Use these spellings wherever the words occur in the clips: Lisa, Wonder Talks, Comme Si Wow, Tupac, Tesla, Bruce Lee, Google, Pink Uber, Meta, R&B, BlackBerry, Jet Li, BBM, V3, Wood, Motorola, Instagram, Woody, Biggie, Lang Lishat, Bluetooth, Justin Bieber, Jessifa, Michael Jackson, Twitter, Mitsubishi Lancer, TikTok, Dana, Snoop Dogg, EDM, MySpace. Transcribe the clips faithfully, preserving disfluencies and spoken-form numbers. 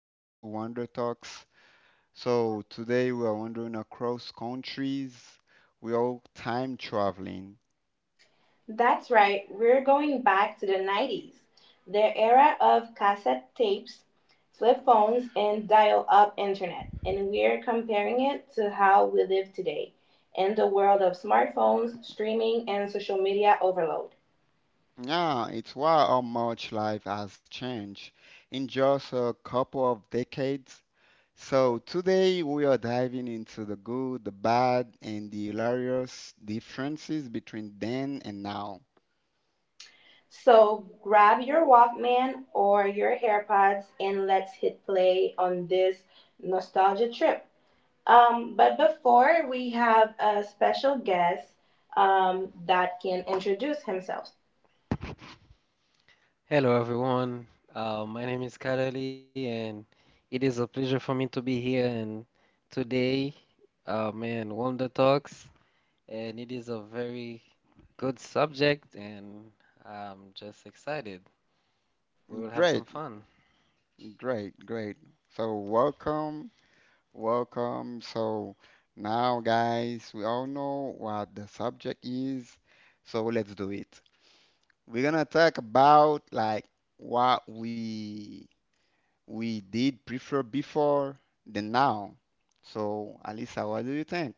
back to Wonder Talks. So today we are wandering across countries. We are time traveling. Yeah, it's why how much life has changed in just a couple of decades. So today we are diving into the good, the bad, and the hilarious differences between then and now. Hello, everyone. Uh, my name is Kareli, and it is a pleasure for me to be here. And today, uh, man, Wonder Talks, and it is a very good subject, and I'm just excited. We will have some Great, fun. great, great. So welcome. Welcome. So now, guys, we all know what the subject is. So let's do it. We're gonna talk about like what we we did prefer before than now. So Alisa, what do you think?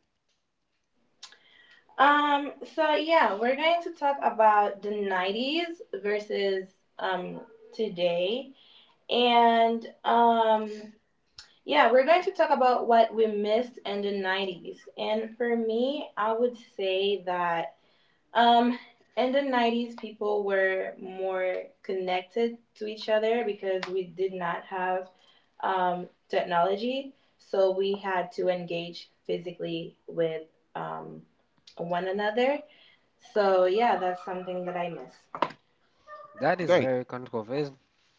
That is Great. very controversial.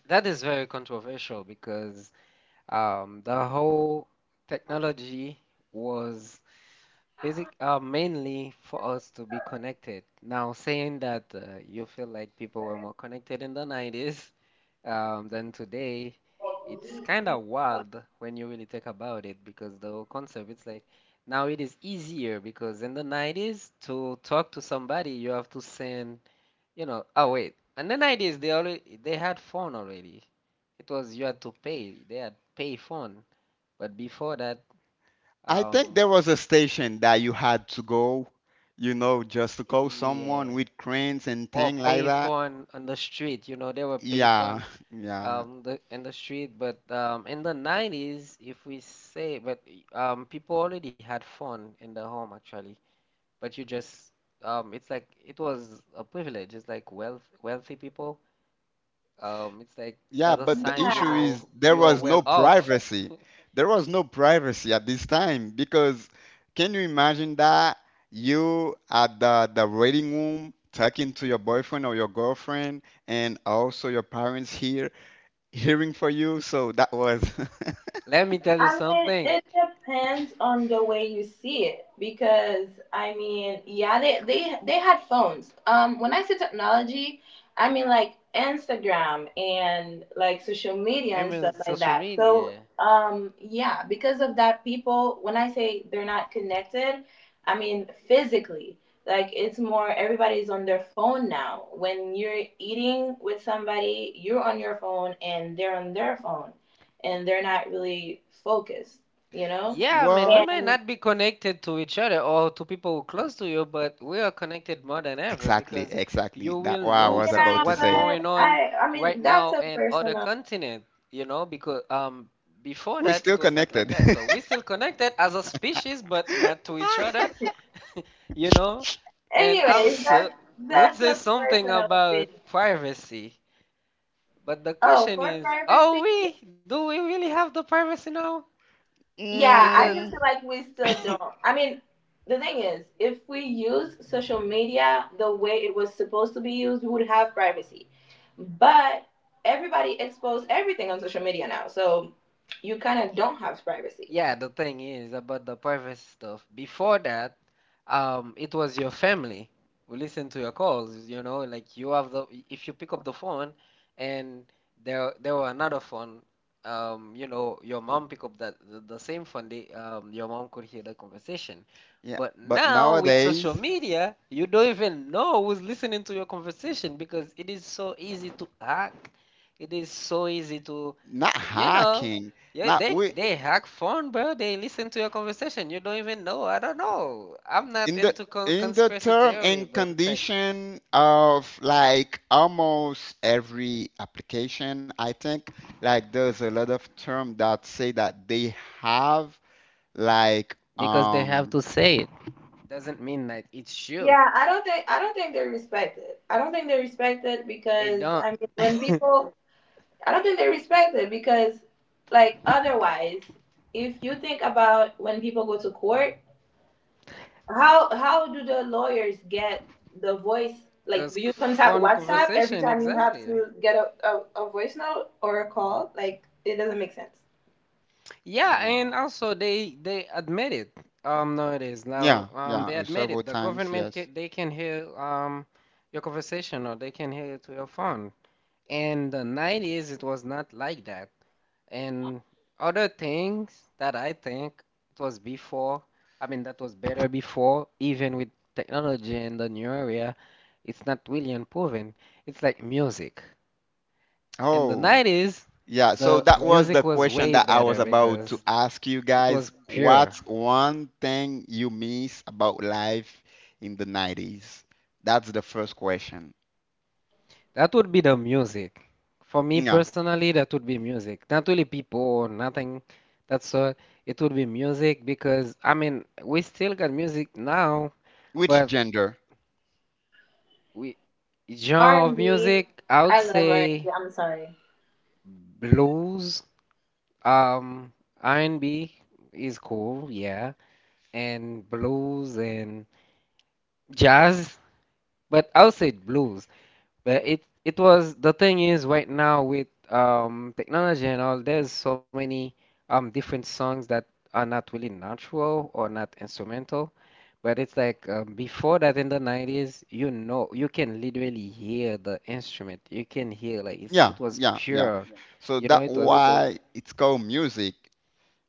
That is very controversial because um, the whole technology was basic, uh, mainly for us to be connected. Now, saying that uh, you feel like people were more connected in the nineties um, than today, it's kind of wild when you really think about it, because the whole concept, it's like now it is easier because in the nineties, to talk to somebody, you have to send, you know, oh wait, in the nineties they already they had phone already. It was you had to pay. They had pay phone, but before that, I think um, there was a station that you had to go, you know, just to call someone yeah. with cranes and Or thing like that. payphone on the street, you know, there were Yeah, payphone yeah. um the in the street, but um in the nineties, if we say, but um people already had phone in the home actually, but you just um it's like it was a privilege. It's like wealth wealthy people. Um it's like Yeah, that's a but the sign, you issue is know, there you are was well no off. privacy. There was no privacy at this time because can you imagine that you at the the waiting room talking to your boyfriend or your girlfriend and also your parents here hearing for you? So that was Let me tell you something. Even social media. Yeah, I mean, we well, might not be connected to each other or to people who close to you, but we are connected more than ever, exactly, because exactly. you That will what I know was some about to what's say. going on right now in other continent, you know, because um before We're that still it was not like connected. that. So we still connected as a species, but not to each other, you know. And also would say something about privacy. But the question is, are we? Do we really have the privacy now? Because Mm, yeah, the thing is about the private stuff. Before that, um, it was your family who listened to your calls. You know, like you have the if you pick up the phone and there there were another phone, um, you know, your mom pick up that the, the same phone. They, um, your mom could hear the conversation. yeah, But but now with nowadays, social media, you don't even know who's listening to your conversation, because it is so easy to hack. It is so easy to not you know, hacking, yeah, not they we they hack phone, bro. They listen to your conversation. You don't even know. I don't know. I'm not in the into con in the conspiracy term theory, and but it's like condition of like almost every application I think like there's a lot of term that say that they have like because they have um to say it doesn't mean that it's you. It don't. Those phone conversation, exactly. Yeah, and wow, also they they admit it. Um, nowadays now, yeah, um, yeah, they uh, admit several it. The times, government ca yes. They can hear um your conversation, or they can hear it to your phone. In the nineties, it was not like that. And other things that I think it was before, I mean, that was better before. Even with technology and the new area, it's not really improving. It's like music. In the Oh nineties, yeah, so the that was the music was question way that I better was about to because ask you it guys, was pure. what's one thing you miss about life in the nineties? That's the first question. That would be the music. For me Yeah. personally, that would be music. Not really people or nothing. That's uh, It would be music because I mean, we still got music now, Which but gender? we genre of music, I would say blues. Um, R and B is cool, yeah, and blues and jazz, but I would say blues. But it it was the thing is right now with um technology and all, there's so many um different songs that are not really natural or not instrumental. But it's like uh, before that in the nineties, you know, you can literally hear the instrument. You can hear like it's, it Yeah, was yeah, yeah. pure. So You know, that it was, why it's called music.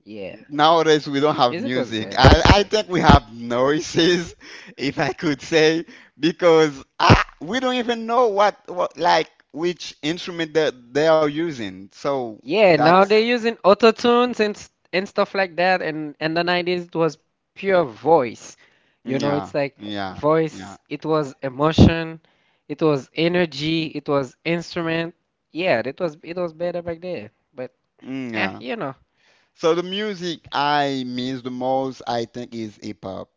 yeah. Nowadays we don't have Music was music. better I, back I then. think we have noises, if I could say, because I, we don't even know what, what like which instrument that they are using. So Yeah, that's now they're using auto tunes and s- and stuff like that. And in the nineties, it was pure voice. You know, yeah, it's like yeah, yeah, voice, it was emotion, it was energy, it was instrument. Yeah, it was it was better back there. But mm, eh, yeah. you know. So the music I miss the most, I think, is hip hop.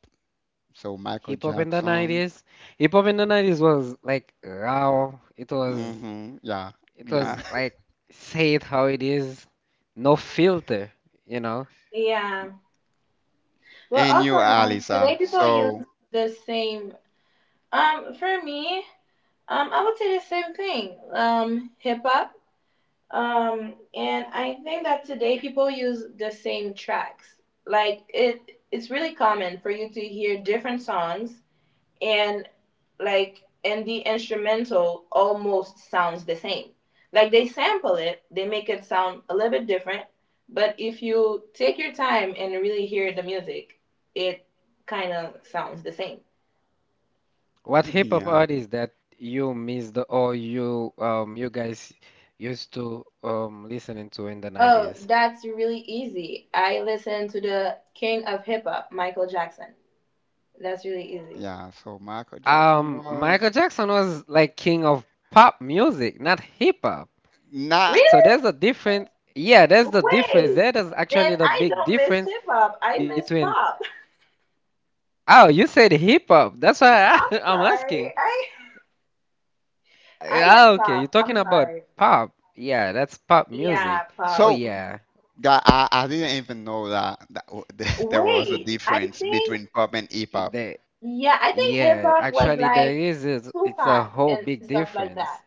So Michael Hip hop in the Jackson. nineties. Hip hop in the nineties was like raw. It was Hmm, yeah, it was yeah. like say it how it is. No filter, you know. And you, Alisa? So, What hip hop yeah, artist that you missed or you um you guys used to um listening to in the nineties? yeah. So Michael Jackson Um was Michael Jackson was like king of pop music, not hip hop. not So there's a difference. Yeah, there's the difference. That is actually the big difference between oh, you said hip hop. That's why I, I'm asking. Ah, okay, you're talking about pop. Yeah, that's pop music. Oh so. yeah. That I, I didn't even know that, that w- there was a difference between pop and hip It- hop. The Yeah, actually there is is it's a whole big difference.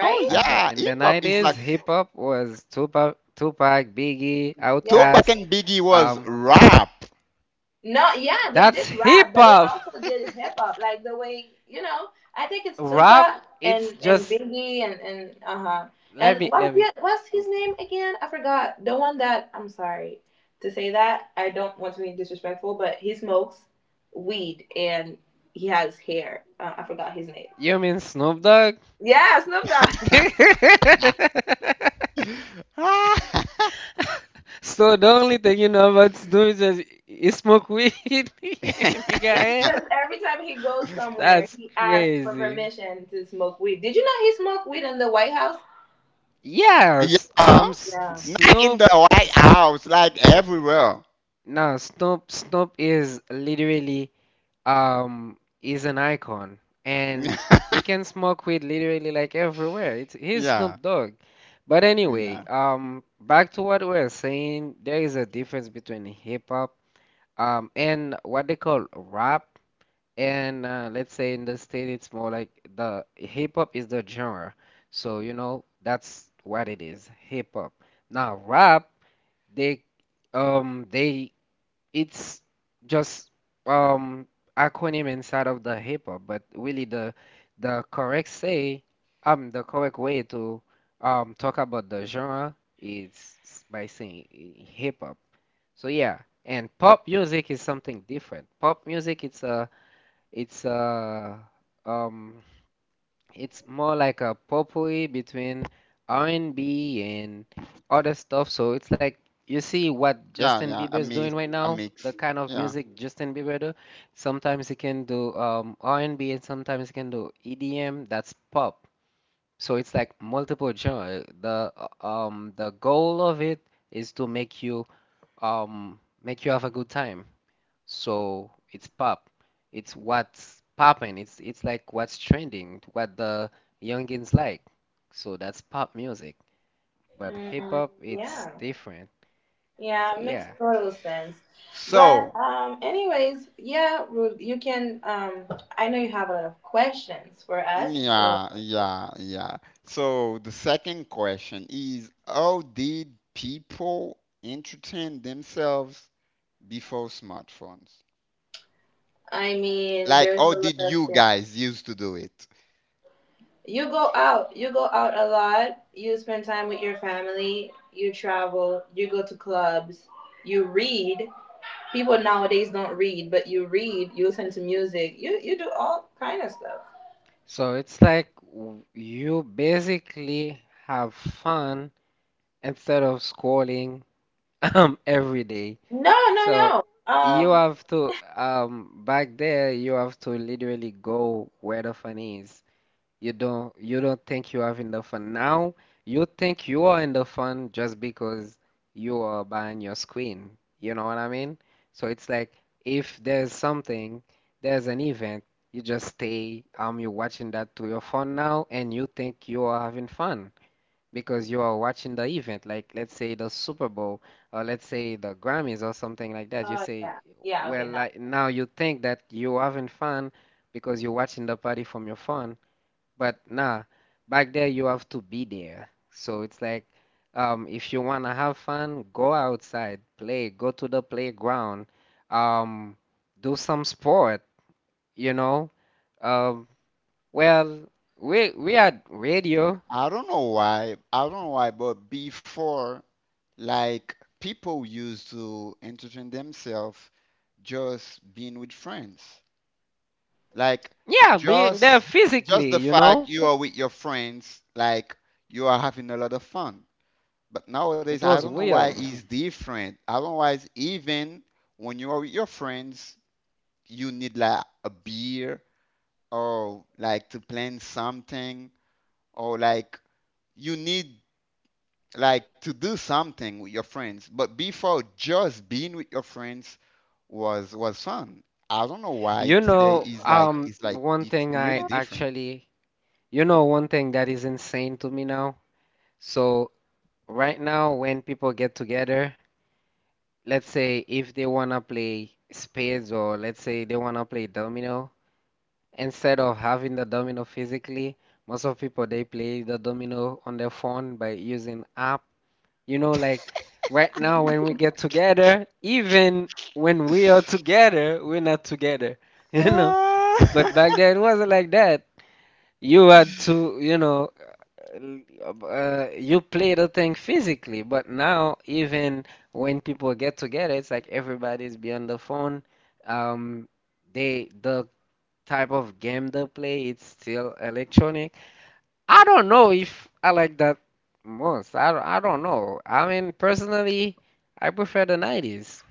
Oh At the yeah, in the hip hop is nineties, like hip hop was Tupac, Tupac, Biggie, Tupac Outkast. and Biggie was Um, rap. that's hip hop. Rap, it's just let me let me. You mean Snoop Dogg? Ah. So the only thing you know about doing is just you smoke weed and you got hell. That's crazy. Yes. Yeah, Um. S- not in Snoop. the White S- House, like everywhere. No. Snoop. Snoop is literally um is an icon, and he Yeah, can smoke weed literally like everywhere. It's He's Snoop yeah, Dogg. But anyway, yeah, um, back to what we we're saying. There is a difference between hip hop um and what they call rap. And uh, let's say in the state, it's more like the hip hop is the genre. So, you know, that's what it is, hip hop. Now, rap, they, um, they, it's just um acronym inside of the hip hop, but really the the correct say, um, the correct way to um talk about the genre is s- by saying hip hop. So yeah, and pop music is something different. Pop music, it's a it's uh um it's more like a potpourri between R and B and B and other stuff. So it's like you see what Justin yeah. Bieber A is mix, doing right a now, the mix. kind of Yeah. music Justin Bieber do. Sometimes he can do um R and B and B, and sometimes he can do E D M. That's pop. So it's like multiple genre. The uh, um the goal of it is to make you um make you have a good time. So it's pop. It's what's popping. It's it's like what's trending, what the youngins like. So that's pop music. But hip hop, it's different. So yeah. So, yeah, yeah, yeah. So the second question is, how did people entertain themselves before smartphones? Like, how did you guys used to do it? So it's like w- you basically have fun instead of scrolling um every day. So you have to um back there you have to literally go where the fun is. You don't you don't think you have enough fun now. You think you are enough fun just because you are buying your screen. You know what I mean? So it's like if there's something, there's an event, you just stay, um, you're watching that to your phone now, and you think you are having fun because you are watching the event. Like let's say the Super Bowl, or let's say the Grammys or something like that. You say, well, like now you think that you're having fun because you're watching the party from your phone, but nah, back there you have to be there. So it's like, um, if you wanna have fun, go outside, play, go to the playground, um, do some sport, you know. Um, well, we we had radio. I don't know why. I don't know why, but before, like, people used to entertain themselves just being with friends. Like, Yeah, being there just just physically, the you fact know. you are with your friends, like, you are having a lot of fun. But nowadays, It I was don't know why real. it's different. I don't know why it's even when you are with your friends, you need like a beer or like to plan something or like you need like to do something with your friends. But before, just being with your friends was was fun. I don't know why. Yeah, You today know, is like um, it's like One it's thing I really different. actually, you know, one thing that is insane to me now. So right now, when people get together. Let's say if they wanna play spades, or let's say they wanna play domino, instead of having the domino physically, most of people they play the domino on their phone by using app. You know, like right now when we get together, even when we are together, we're not together, you know. But back then it wasn't like that. You had to, you know, l- uh, you play the thing physically, but now even when people get together, it's like everybody's be the phone. Um, they the type of game they play, it's still electronic. I don't know if I like that most. I, don't- I don't know. I mean, personally, I prefer the nineties.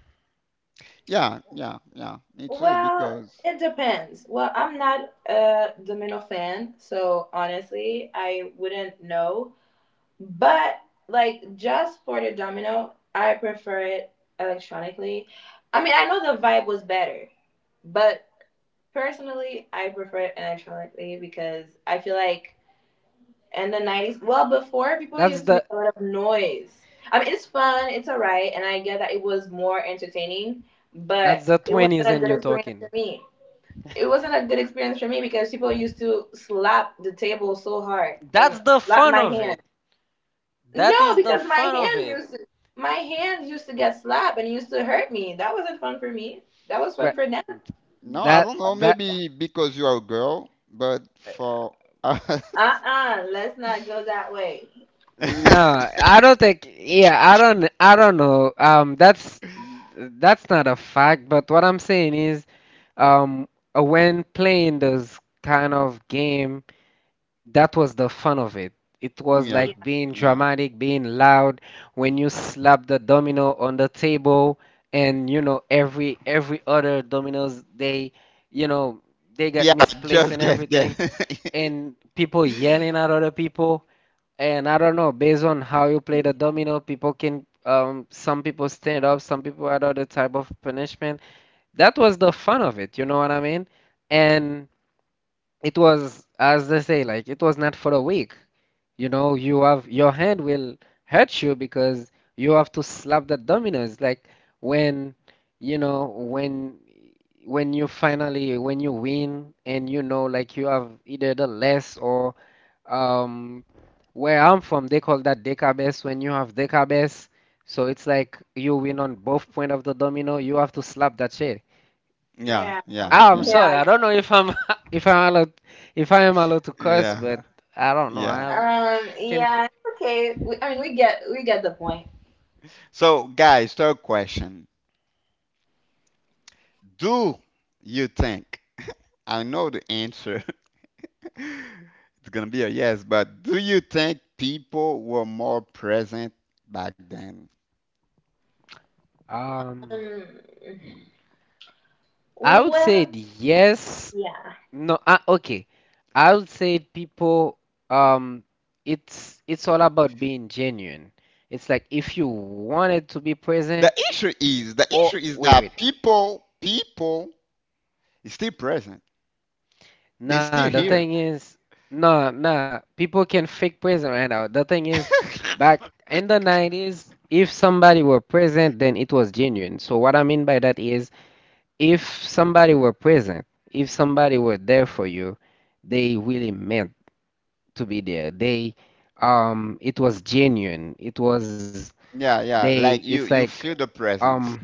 Yeah, yeah, yeah. Me too, because That's the that's the twenties and you're talking. That's the fun of it. That is the fun of it. But no, I that don't know. that Maybe because you are a girl, but for us, no, I don't think. Yeah, I don't. I don't know. Um, that's that's not a fact. But what I'm saying is, um, uh, when playing those kind of game, that was the fun of it. It was yeah, like being yeah, dramatic, being loud. When you slap the domino on the table, and you know every every other dominoes, they, you know, they got yeah. misplaced Just and guess, guess. everything, and people yelling at other people. And I don't know, based on how you play the domino, people can, um, some people stand up, some people are other type of punishment. That was the fun of it, you know what I mean? And it was, as they say, like it was not for the weak. You know, you have your hand will hurt you because you have to slap the dominoes. Like when, you know, when when you finally when you win, and you know, like you have either the less or um where I'm from, they call that decabase. When you have decabase, so it's like you win on both point of the domino. You have to slap that shit. Yeah, yeah, Ah, I'm yeah, sorry. I don't know if I'm if I'm allowed if I am allowed to curse, yeah, but I don't know. I yeah. have I can So, guys, third question. Do you think, I know the answer, it's gonna be a yes, but do you think people were more present back then? um I would say yes. No. Uh, okay. I would say people um it's it's all about being genuine. It's like if you wanted to be The present. issue is, the issue Oh, is wait that wait. people, people is still present. They're Nah, still the here. thing is, nah, nah. People can fake present right now. The thing is, back in the nineties, if somebody were present, then it was genuine. So what I mean by that is, if somebody were present, if somebody were there for you, they really meant to be there. They, um, it was genuine. It was Yeah, yeah. they. Like It's you, you like feel the um, presence.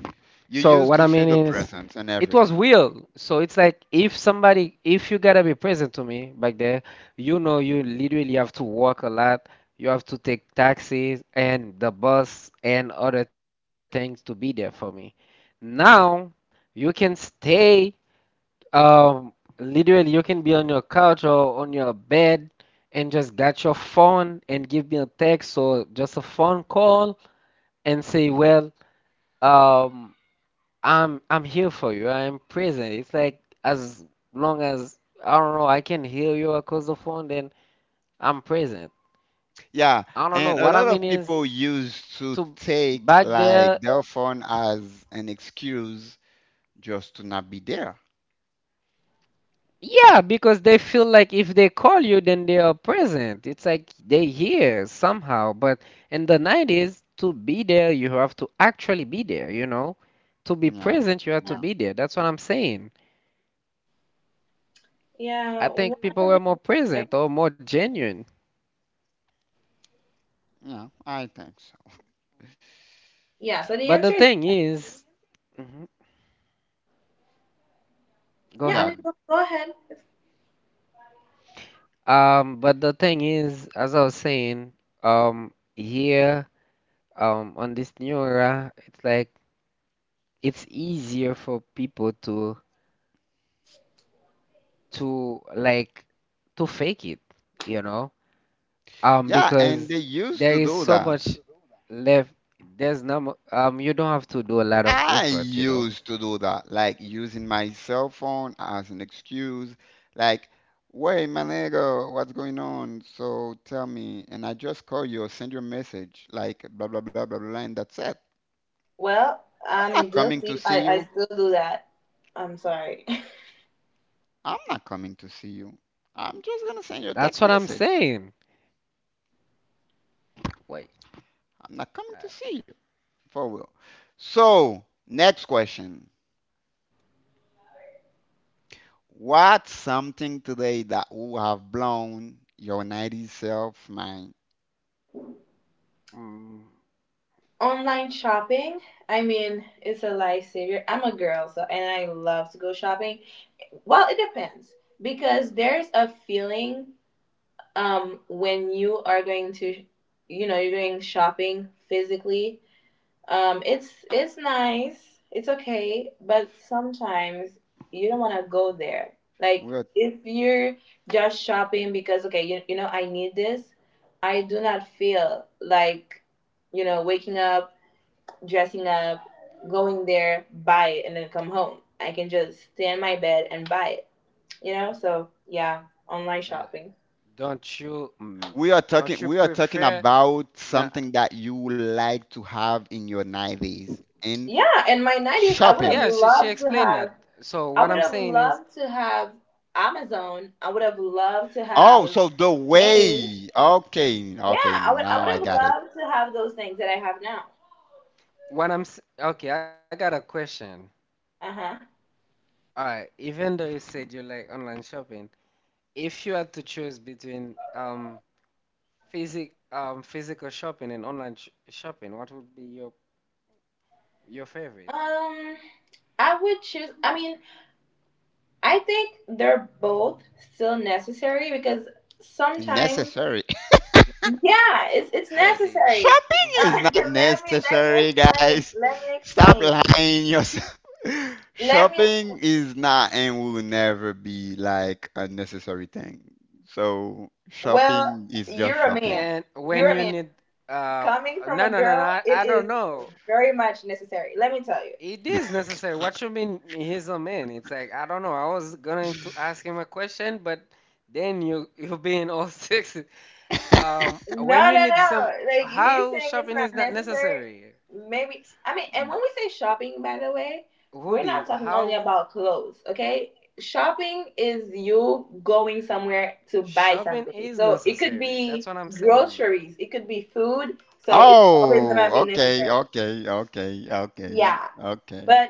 You so what I used to mean feel the is, presence and it was everything. real. So it's like if somebody, if you gotta be present to me back there, you know, you literally have to walk a lot. You have to take taxis and the bus and other things to be there for me. Now you can stay. Um, literally, you can be on your couch or on your bed and just got your phone and give me a text or just a phone call and say, well. Um, I'm I'm here for you. I'm present. It's like as long as I don't know, I can hear you across the phone, then I'm present. Yeah, I don't know. and a What I lot mean of is people used to to take back like there, their phone as an excuse just to not be there. yeah, because they feel like if they call you, then they are present. It's like they hear somehow. But in the nineties, to be there, you have to actually be there, you know? To be Yeah, present, you have to yeah, be there. That's what I'm saying. I think people were more present or more genuine. yeah. I think so. But the thing is, mhm. Go Yeah, ahead. Um, but the thing is, as I was saying, um, here, um, on this new era, it's like it's easier for people to to like to fake it, you know, um, yeah. And because they used there to is do so that. much left. There's no, mu- um, you don't have to do a lot of I effort, you know. used to do that, like using my cell phone as an excuse, like, wait, my nigga, what's going on? So tell me, and I just call you or send you a message, like, blah, blah, blah, blah, blah, and that's it. I'm not coming to see you. I'm not coming to see you. I'm just gonna send you a That's text what I'm message. saying. Wait, I'm not coming to uh, see you, for real. So, next question. What's something today that would have blown your nineties self mind? mm, We're but don't you, mm, We are talking don't you we are talking prefer? about No, something that you like to have in your nineties in shopping. yeah, she she explained that. So what I'm saying is, Oh, so the way. Okay, okay, now I got it. what I'm s- okay, I got a question. All right, even though you said you like online shopping, if you had to choose between um physic um physical shopping and online sh shopping, what would be your your favorite? Necessary. Yeah, the Shopping mhm. is not necessary, guys. Stop lying yourself. Shopping is not and will never be like a necessary thing. So shopping is just shopping. And when you need um no no no no I, I don't know. It is necessary. What you mean he's a man? It's like I don't know. I was going to ask him a question, but then you you being all sexy. Um, when you need some, how shopping is not necessary? Woody, how shopping is necessary? That's what I'm saying. Oh, okay, okay, okay, okay, okay.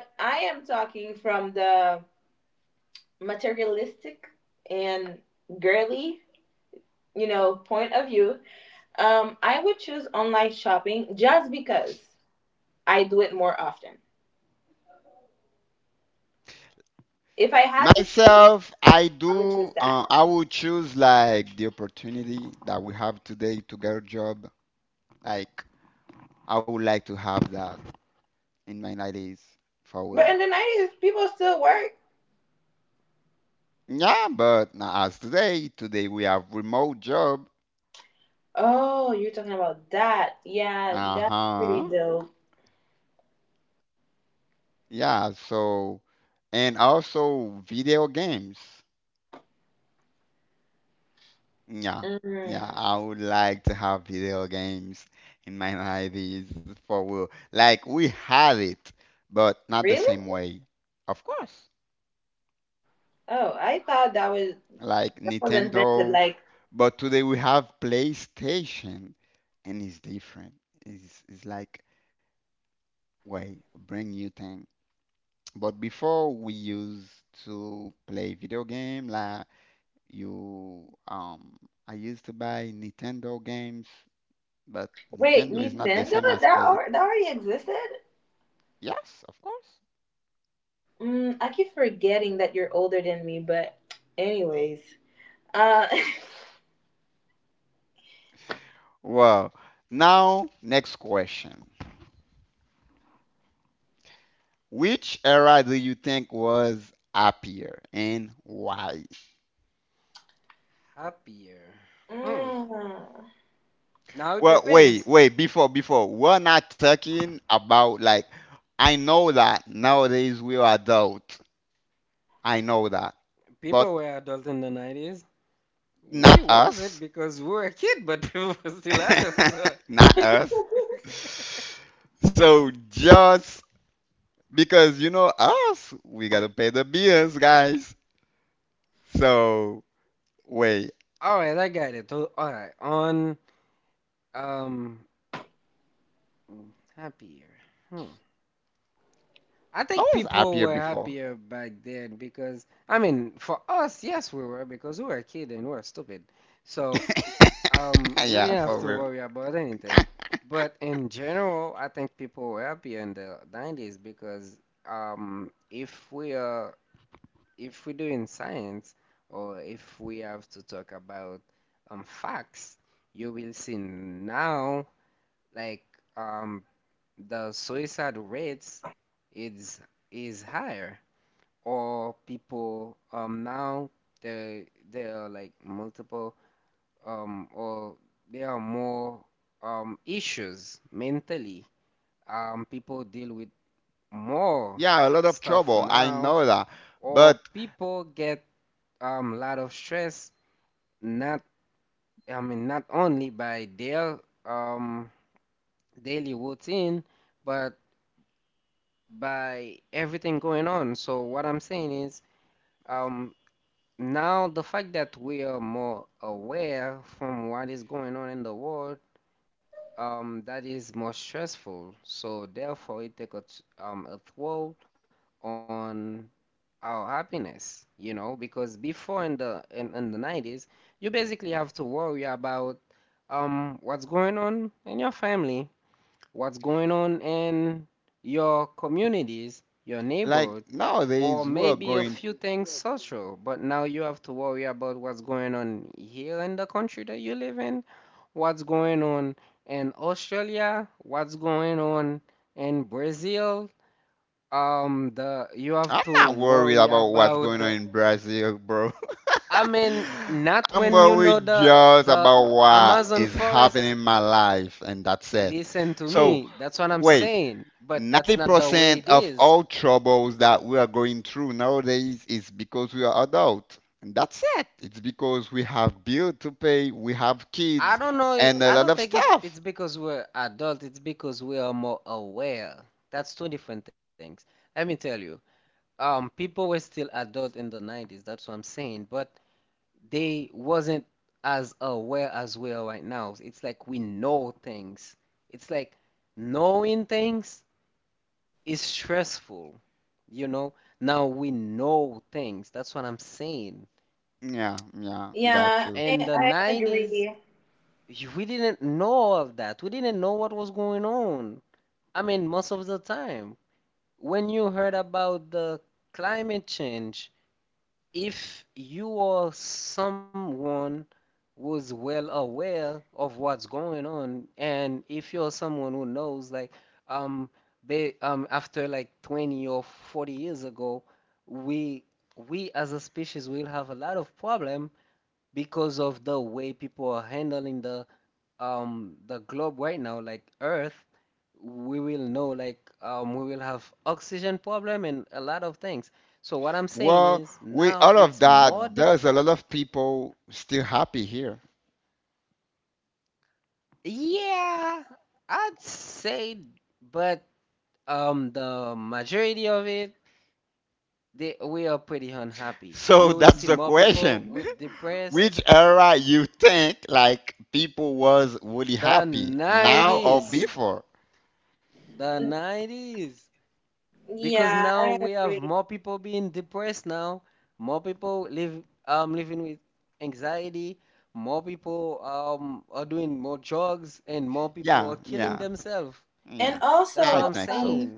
Myself, I do. Uh, I would choose like the opportunity that we have today to get a job. Like I would like to have that in my nineties for real. Yeah, but now as today, today, we have remote job. Uh-huh. Yeah. So, and also video games. Yeah, yeah, I would like to have video games in my life is for real. Like we have it, but not the same way. Of course. Like Nintendo, but today we have PlayStation and it's different. It's it's like way bring new thing. But before we used to play video game like you um I used to buy Nintendo games, but Nintendo is not the same as play. Yes, of course. Well, now, next question. Which era do you think was happier and why? Happier. Hmm. Now it Well, wait, depends. wait, before, before, we're not talking about like, I know that nowadays we are adult. I know that. But People were adult in the nineties. not We us. wasn't because we were a kid, but people were still adults. so- Not us. So just because you know us, we gotta pay the bills, guys. So wait, All right, I got it. All right, on Um, happier. Hmm. I I think was people happier were before. happier back then because, I mean, for us, yes, we were because we were a kid and we were stupid. So, um, we Yeah, didn't have for to real. worry about anything. But in general, I think people were happier in the nineties because, um, if we are, if we're doing science or if we have to talk about, um, facts, you will see now, like, um, the suicide rates is is higher or people um now there there are like multiple um or there are more um issues mentally um people deal with more Yeah, a lot of stuff trouble. I now know that. But or people get um a lot of stress not I mean not only by their um daily routine but by everything going on. So what I'm saying is, um, now the fact that we are more aware from what is going on in the world, um, that is more stressful. So therefore, it takes a, t- um, a toll on our happiness, you know, because before in the in, in the nineties, you basically have to worry about um, what's going on in your family, what's going on in your communities, your like neighbors or nowadays we're maybe a few going things social, but now you have to worry about what's going on here in the country that you live in, what's going on in Australia, what's going on in Brazil. Um, the you have to I'm not worried worry about what's about going the, on in Brazil, bro. I mean, not I'm when you know worried the just the about what Amazon is forest. happening in my life and that's it. Listen to So me, that's what I'm wait, saying, but that's not the way ninety percent it of is. all troubles that we are going through nowadays is because we are adult. And that's it. It's because we have bill to pay, we have I kids, don't know. i- and I a don't lot of think if it's stuff. because we're adult, it's because we are more aware. That's two different things. Let me tell you. Um, people were still adult in the nineties. That's what I'm saying. But they wasn't as aware as we are right now. It's like we know things. It's like knowing things is stressful, you know? Now we know things. That's what I'm saying. Yeah, yeah, got you. In the nineties, we didn't know all of that. We didn't know what was going on. I mean, most of the time, when you heard about the climate change, if you or someone was well aware of what's going on, and if you're someone who knows, like, um, they, um, after like twenty or forty years ago, we we as a species will have a lot of problem because of the way people are handling the um the globe right now, like Earth we will know like um, we will have oxygen problem and a lot of things. So what I'm saying Well, is with now all it's of that, more dif- there's a lot of people still happy here. yeah, I'd say, but um, the majority of it, they we are pretty unhappy. You So will see that's the more people question. with depressed Which era you think like people was really the happy, now or nineties, before? the nineties, because now we have more people being depressed now, more people live um living with anxiety, more people um are doing more drugs, and more people are Yeah, killing yeah, themselves. yeah. That's I what I'm think so. saying.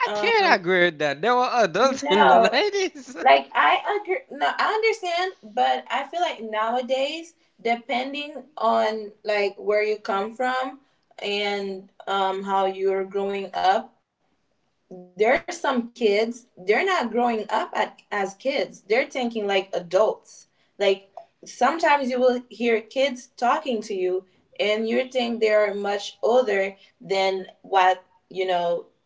I can't agree with that. There were adults in the nineties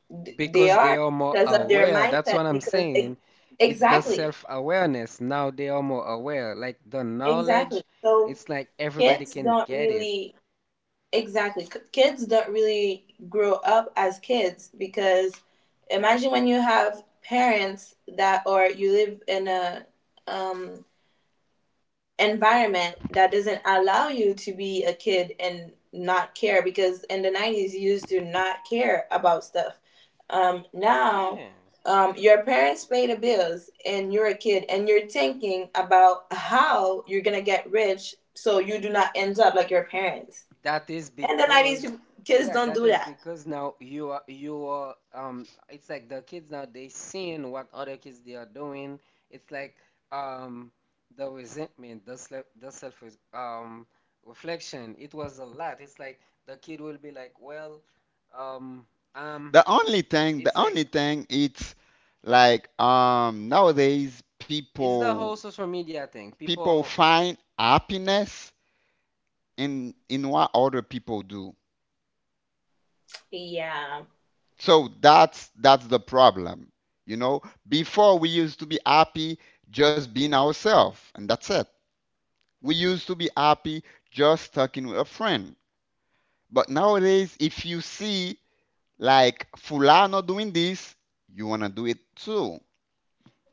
because they are more aware. That's what I'm saying. It's the self-awareness. Now they are more aware. Like the knowledge, it's like everybody can get it. Yeah. That is because, yeah, that is because now you are you are um it's like the kids now they seeing what other kids they are doing. It's like um the resentment, the self the self um reflection. It was a lot. It's like the kid will be like, well, um um The only thing, the it's like only thing, it's like um nowadays it's the people whole social media thing. people People find happiness in in what other people do. So that's that's the problem. You know, before we used to be happy just being ourselves, and that's it. We used to be happy just talking with a friend. But nowadays, if you see like Fulano doing this, you wanna do it too.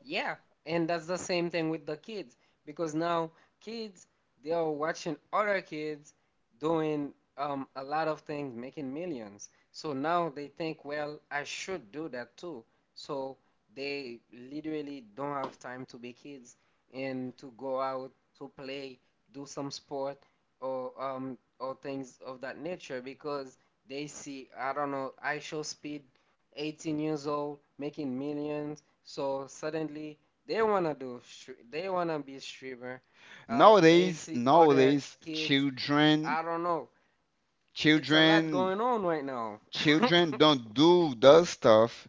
yeah, and that's the same thing with the kids because now kids they are watching other kids doing um, a lot of things, making millions. So now they think, well, I should do that too. So they literally don't have time to be kids and to go out to play, do some sport or um, or things of that nature because they see, I don't know, I show speed, eighteen years old, making millions so suddenly they wanna do stre- they wanna be streamer. Uh, they Nowadays, see other nowadays, kids. children, I don't know. It's a lot children, going on right now. children don't do those stuff.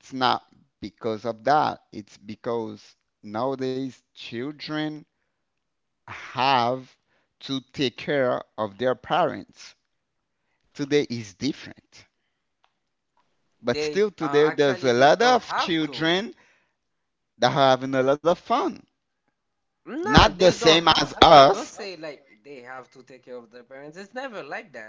It's not because of that. It's because nowadays children have to take care of their parents. Today is different. But They still uh, today actually there's a they lot don't of have to. children that are having a lot of fun. Nah, Not they the don't same as have to. Don't us. say like they have to take care of their parents. It's never like that.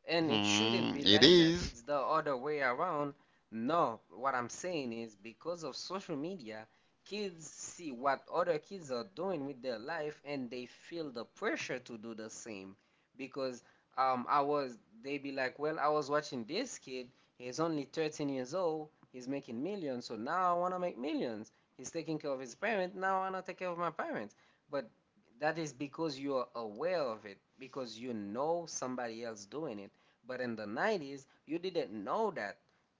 And it shouldn't be Hmm, it like that. is. It's the other way around. No, what I'm saying is because of social media, kids see what other kids are doing with their life and they feel the pressure to do the same. Because um, I was, they be like, well, I was watching this kid. He's only thirteen years old. He's making millions. So now I want to make millions. He's taking care of his parents. Now I want to take care of my parents. But that is because you are aware of it, because you know somebody else doing it, but in the nineties, you didn't know that.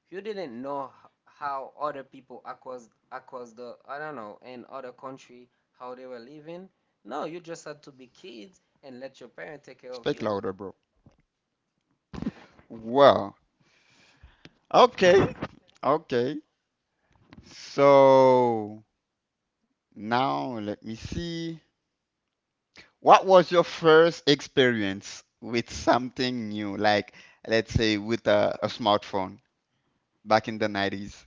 You didn't know how other people across across the, I don't know, in other country, how they were living. No, you just had to be kids and let your parents take care of Speak you. louder, bro. Well, okay. Okay. So now let me see. What was your first experience with something new? Like, let's say with a, a smartphone back in the nineties.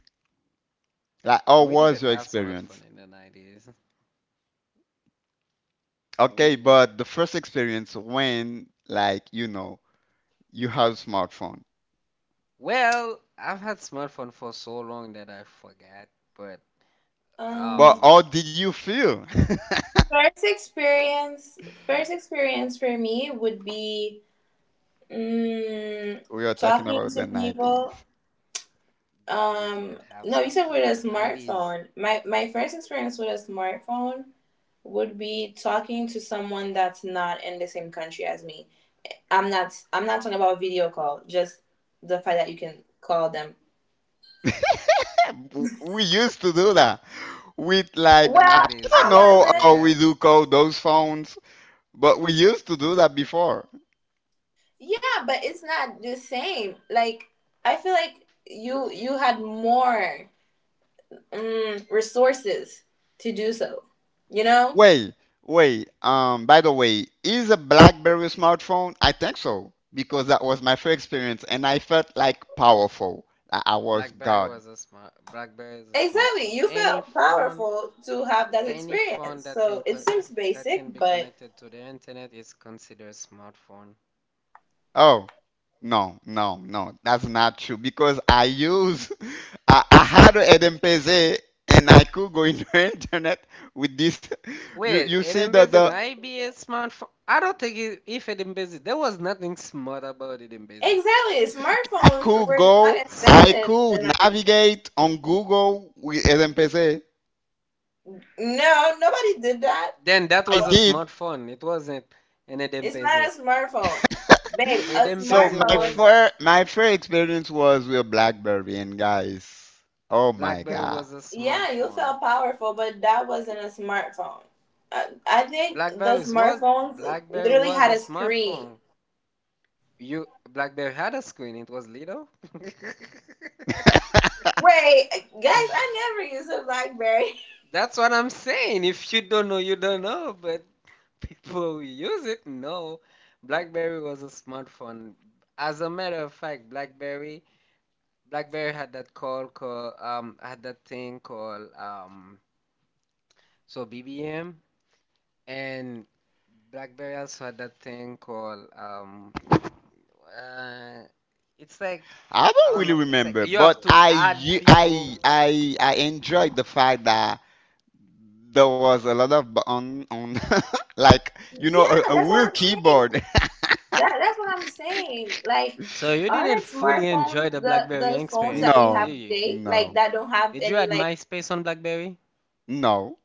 Like, how We was didn't your have experience? smartphone in the nineties. Okay, We didn't. but the first experience when, like, you know, you have smartphone. Well, I've had smartphone for so long that I forgot, but But how um, did you feel? We are talking about the nineties. we didn't have smartphone in the nineties. W- We used to do that with like In the I don't nineties, we used know to how do we that. do call those phones. But we used to do that before. Wait, wait. Um, by the way, is a BlackBerry a smartphone? I think so because that was my first experience, and I felt like powerful. I, I was God. BlackBerry was a smart BlackBerry is a smartphone. Any phone, any phone that can co that can be connected to the internet is considered smartphone. Oh, no, no, no. That's not true because I use. I, I had an M P Z and I could go into internet with this. You Wait, you see the Edembezi the. might be a smartphone. I don't think it, if Edembezi, there was nothing smart about Edembezi. I could go. S- I could navigate on Google with M P Z. Then I that was a did. smartphone. It wasn't an Edembezi. So Edembezi my was fir my first experience was with BlackBerry and guys, oh my BlackBerry God. was a smartphone. BlackBerry was BlackBerry was a smartphone. You Blackberry had a screen. It was Lido. That's what I'm saying. If you don't know, you don't know. But people who use it know. BlackBerry was a smartphone. As a matter of fact, BlackBerry BlackBerry had that call call um had that thing called um so B B M and BlackBerry also had that thing called um uh it's like I don't I really don't know. It's like remember, you but have to I u- add I people. I I enjoyed the fact that there was a lot of bu- on on like you know a, a weird keyboard. So you didn't fully enjoy the BlackBerry experience, No, did you? no, Did you add MySpace on BlackBerry? no,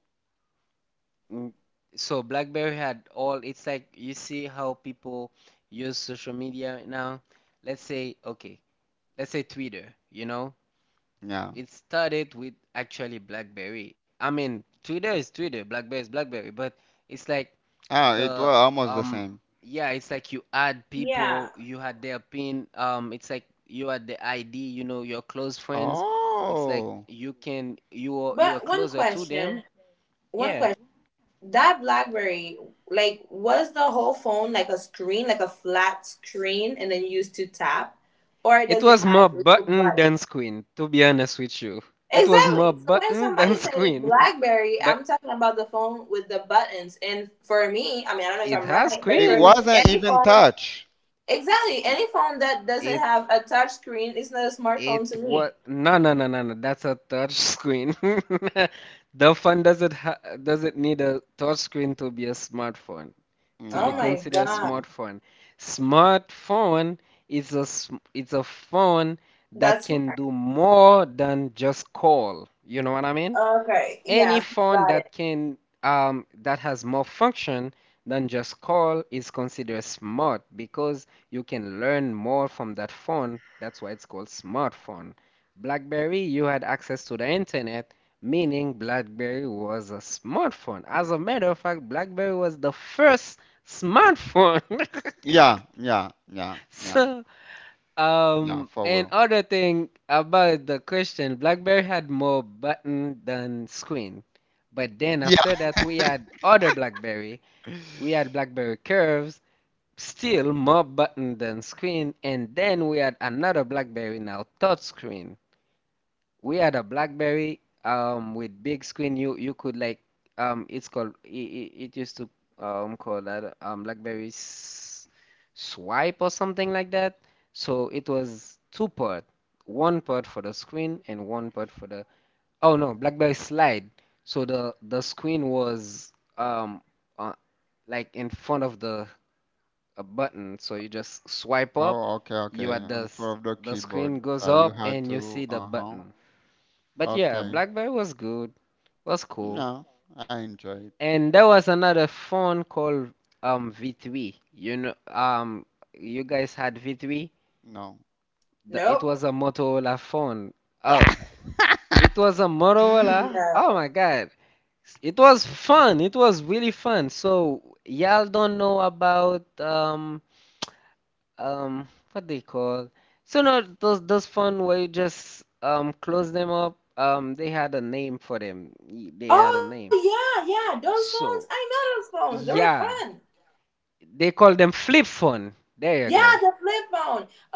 Mm, So BlackBerry had all, it's like you see how people use social media now. Let's say, okay, let's say Twitter, you know? no. It started with actually BlackBerry. I mean, Twitter is Twitter, BlackBerry is BlackBerry, but it's like Oh, it was the almost the um same. yeah, it's like you add people, you had their pin, um it's like you had the I D, you know, your close friends. It's like Oh, you can you were you were closer to them. Yeah. It was more button than screen, to be honest with you. It was more button than screen. But it has it screen. wasn't even touch. It It was no, no, no, no, no. That's a touch screen. The phone doesn't ha doesn't need a touch screen to be a smartphone to be Yeah, considered a yeah, smartphone. Smartphone is a sm- it's a phone that can do more than just call. You know what I mean? Any phone that can um, that has more function than just call is considered smart because you can learn more from that phone. That's why it's called smartphone. BlackBerry, you had access to the internet, meaning BlackBerry was a smartphone. As a matter of fact, BlackBerry was the first smartphone. yeah, yeah, yeah, yeah. So. Yeah, Um, for And wheel. other thing about the question, BlackBerry had more button than screen. But then after Yeah. that, we had other BlackBerry. We had BlackBerry Curves, still more button than screen. And then we had another BlackBerry now, touch screen. We had a BlackBerry um with big screen. You you could like, um it's called it, it, it used to um call that, um BlackBerry s swipe or something like that. So it was two part, one part for the screen and one part for the, oh, no, BlackBerry slide. So the the screen was um uh, like in front of the a button. So you just swipe up, Oh, okay, you okay. at the On four s- of the the screen keyboard, goes uh, you up had and you see to. the Uh huh. button. But yeah, Okay. BlackBerry was good, was cool. No, I enjoyed. And there was another phone called um V three. You know, um you guys had V three? No. The, it was a Motorola phone. Oh, it was a Motorola. Oh my God. It was fun. It was really fun. So y'all don't know about um um what they call. So no, those those fun where you just um close them up. Um, they had a name for them. Y- They had a name. So, yeah, they call them flip phone. There you go.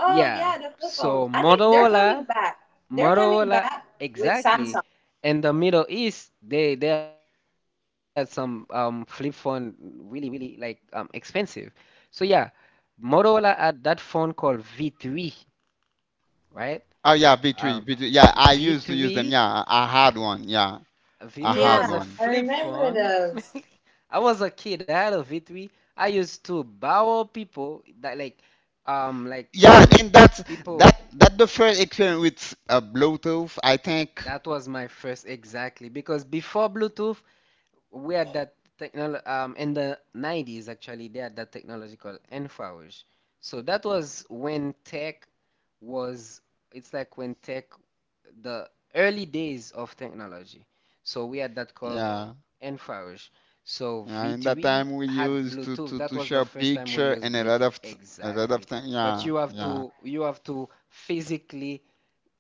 Yeah. So Motorola, Motorola, exactly. In the Middle East, they there are some um flip phone really really like um expensive. So yeah, Motorola had that phone called V three, right? Oh yeah, V three, Um, V three. Yeah, I used to use them. V three. Yeah, I I had one. Yeah, I V three had was a one. flip phone. I was a kid. I had a V three. I used to borrow people that like um like Yeah, um and that's that people that the first experience with uh, Bluetooth, I think. that was my first exactly because before Bluetooth we had that technology um in the nineties actually they had that technology called infrared. So that was when tech was, it's like when tech, the early days of technology. So we had that called Yeah. and Farouche. So Yeah, in that V three time we had used to Bluetooth. to That to was the share first time we picture used and a lot Bluetooth. of th- a lot Exactly. of things. But you Yeah, have yeah. to you have to physically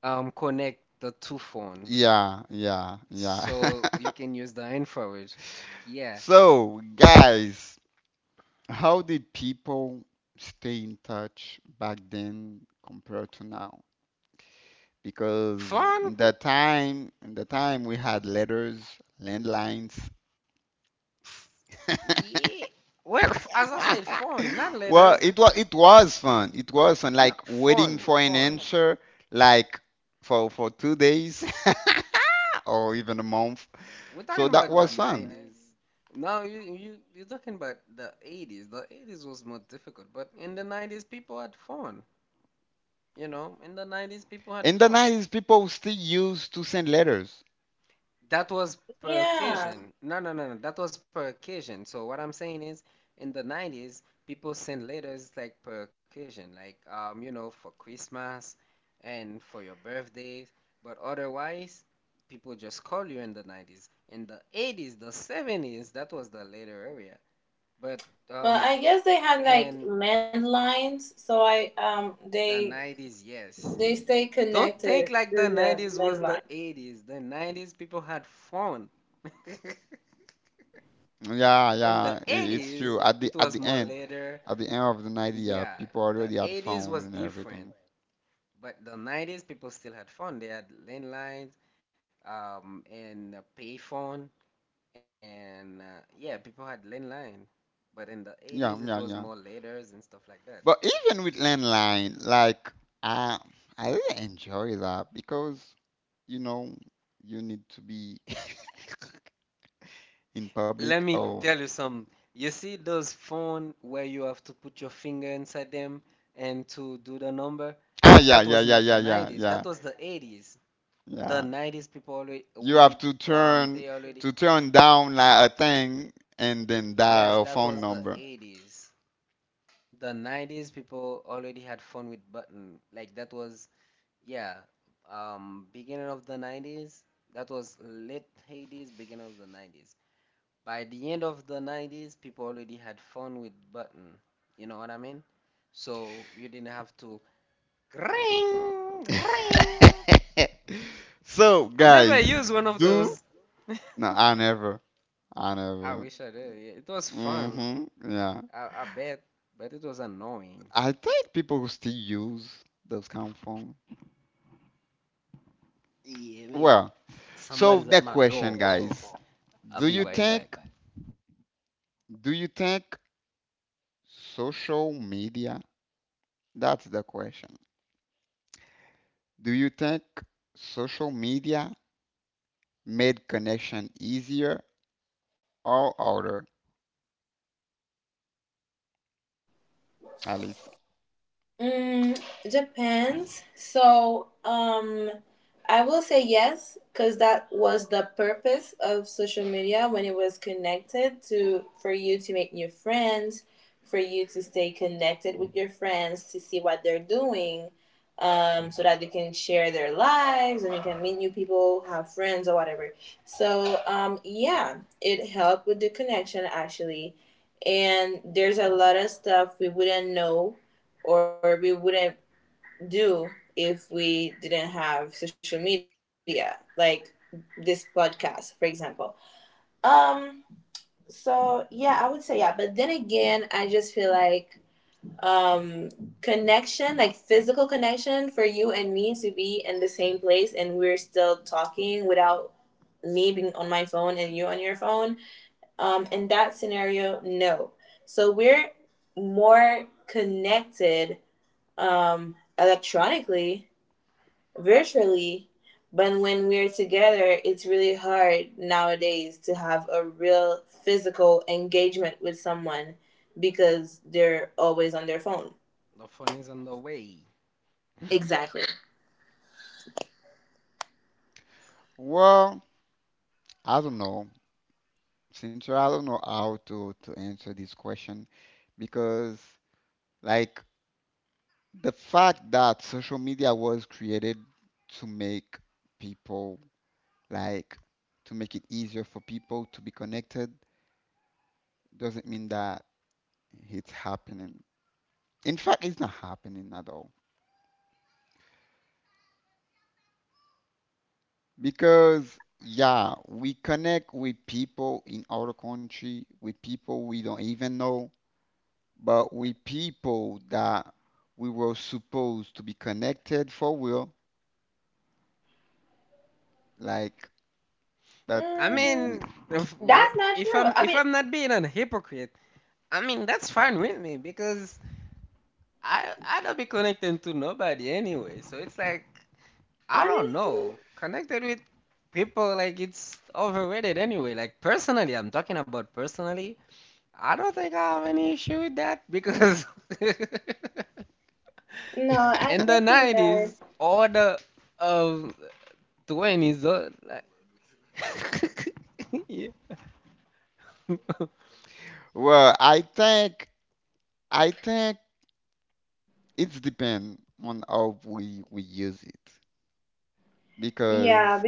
um connect the two phones Yeah, yeah, yeah. so you can use the infrared. Yeah. So, guys, how did people stay in touch back then compared to now? Because Phone? in that time, in the time we had letters, landlines. Pff. Yeah. Well, as I said, phone, not Well, letters. it was it was fun. It was fun. Like No, waiting phone, for an phone. answer, like for for two days or even a month. We're So talking that about was the fun. nineties. No, you you you're talking about the eighties. The eighties was more difficult, but in the nineties people had fun. You know, in the nineties people In had the fun. nineties, people still used to send letters. That was per occasion. No, no, no, no. That was per occasion. So what I'm saying is, in the nineties, people send letters like per occasion, like, um, you know, for Christmas and for your birthdays. But otherwise, people just call you in the nineties. In the eighties, the seventies, that was the letter area. But um and the nineties, yes. Don't think like the nineties was the eighties. The nineties people had fun. Yeah, In the yeah, i- it's eighties, true. it At the was at more the end, later. At the end of the nineties, Yeah, yeah, people the already had eighties was phone and different, everything. but the nineties people still had fun. They had landlines um and a payphone and uh, yeah, people had landline. But in the eighties, it was Yeah, more yeah, yeah. letters and stuff like that. But even with landline, like I I really enjoy that because you know you need to be in Let public. me tell Oh, you some. You see those phone where you have to put your finger inside them and to do the number? ah, That yeah, was yeah, not yeah, the yeah, yeah, nineties. That yeah, was the eighties. The yeah. nineties people already we You did have to um they turn already to turn down like a thing and then yes, dial a that phone was the number. eighties. The nineties people already had fun with button. Like that was yeah, um beginning of the nineties. That was late eighties, beginning of the nineties. By the end of the nineties, people already had fun with button. You know what I mean? So you didn't have to ring, ring. So I never guys, used one of do those. no, I never, I I never. wish I did. Yeah, it was fun. Hmm. Yeah, I, I bet, but it was annoying. I think people who still use those kind of phone. Yeah, maybe. Well, so Somebody's at that my question, door, so guys, I'll do be you right back. think, do you think social media? That's the question. Do you think social media made connection easier or harder, Alice? The phone is on the way. Well, I don't know. Since I don't know how to, to answer this question because like the fact that social media was created to make people like to make it easier for people to be connected doesn't mean that it's happening. In fact, it's not happening at all because yeah, we connect with people in other country, with people we don't even know but we people that we were supposed to be connected for real, like that. I w- We, mean, if, if I'm if I'm not being a hypocrite, I mean that's fine with me because I I don't be connected to nobody anyway, so it's like I don't know. Connected with people like it's overrated anyway. Like personally, I'm talking about personally. I don't think I have any issue with that because in the nineties or the um twenties, uh, like, yeah. well, I think I think it's depend on how we we use it because,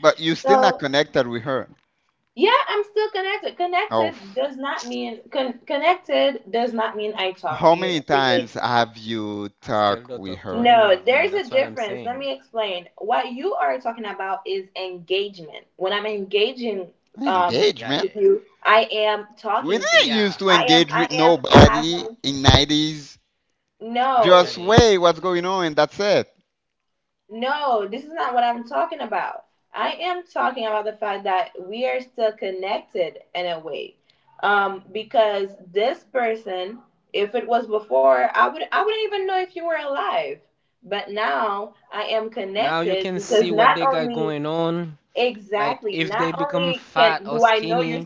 but you still not connected with her. Oh, how many times have you I still talked don't with talk to her? any of them. That's what I'm saying. Yeah, Engagement? yeah, yeah. We didn't used Yeah, to engage with nobody in nineties. Just actually wait, they what's do. going on? That's it. Now you can see what they got going on. Like if they become fat or skinny,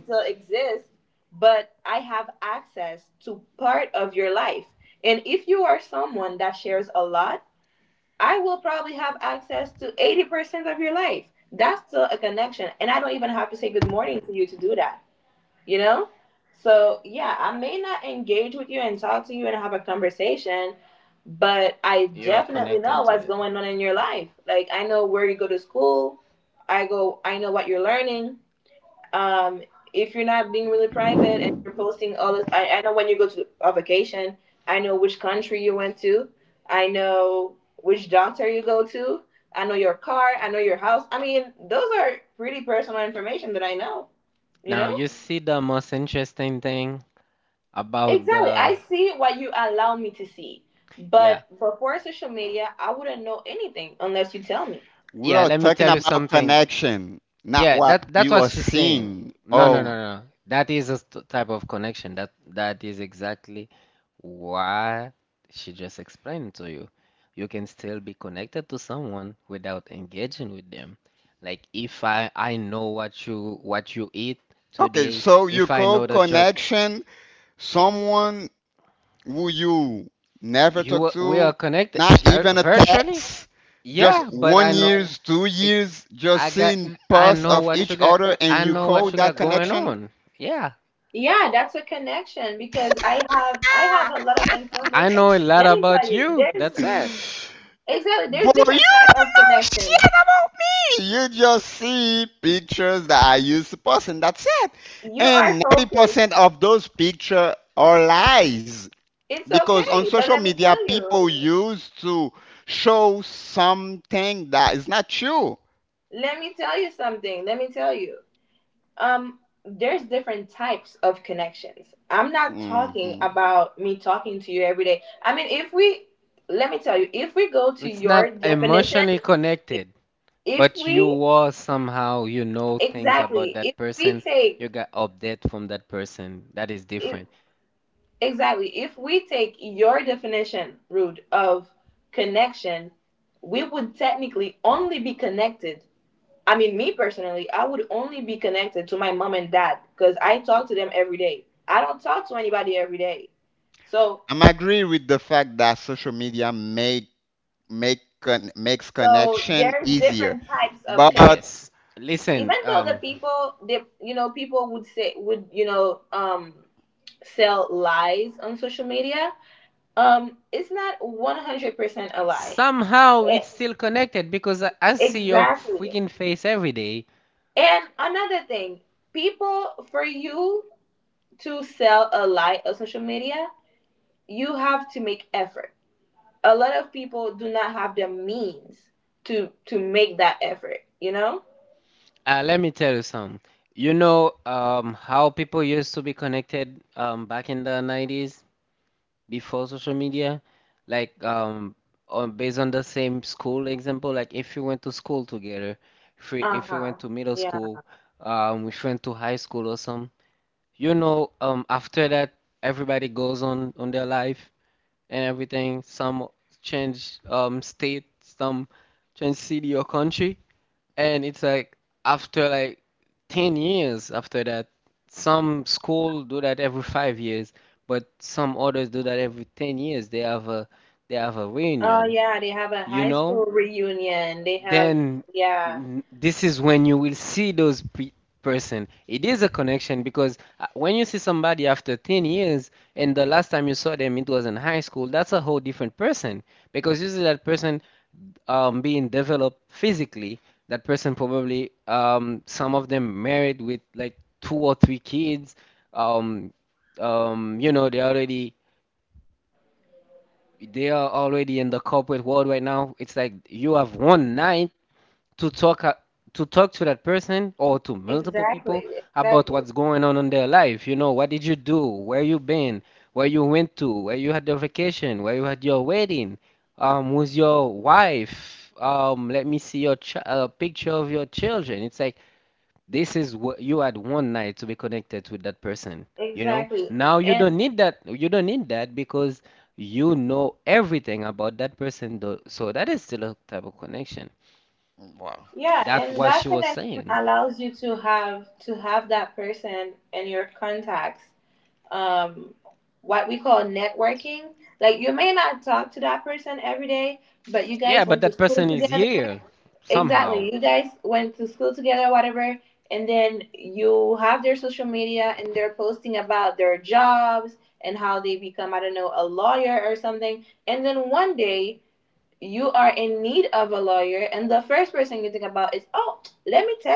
you're connected to that. Now you see the most interesting thing about the, yeah. We Yeah, are let me talking tell you about something. connection, not Yeah, what that that's you what are she's saying. seeing. No, no, Oh, no, no. That is a st- type of connection. That that is exactly what she just explained to you. You can still be connected to someone without engaging with them. Like if I I know what you what you eat okay. today, So you if I call know the job, connection someone who you never talk you are- we are to, connected not vir even a virtually. text, just Yeah, but I one know years, two it's years, just I got seeing I parts know of what each you got other, and I you know call what you that got going connection? on. Yeah. I know a lot about you. That's it. Bro, you don't know shit about me. You just see pictures that I used to post, and that's it. And ninety percent of those pictures are lies. Because on social media, people use to show something that is not true. Hmm. It's not emotionally connected. But you were somehow, you know things about that person. You got update from that person. That is different. I'm agree with the fact that social media make make con- makes connection easier, but Yes. Listen, um, somehow it's still connected because I, I see your freaking face every day. Uh, let me tell you something. You know, um, how people used to be connected, um, back in the nineties? Before social media, like, um on based on the same school example, like if you went to school together, if we if we went to middle school, um if we went to high school or some, you know, um after that everybody goes on on their life and everything. Some change um state, some change city or country, and it's like after like ten years after that, some school do that every five years, but some others do that every ten years. They have a they have a reunion, you know? Then n- this is when you will see those pe person. It is a connection because uh, when you see somebody after ten years and the last time you saw them it was in high school, that's a whole different person because you see that person, um, being developed physically, that person probably, um, some of them married with like two or three kids. Um, um, you know, they already they are already in the corporate world right now. It's like you have one night to talk a- to talk to that person or to multiple people about what's going on in their life. You know, what did you do? Where you been? Where you went to? Where you had your vacation? Where you had your wedding? Um, with your wife? Um, let me see your ch uh, picture of your children. It's like this is what you had one night to be connected with that person. You know, now you don't need that. You don't need that because you know everything about that person, though. So that is still a type of connection. well, That what she was saying. Yeah, but that person is here somehow.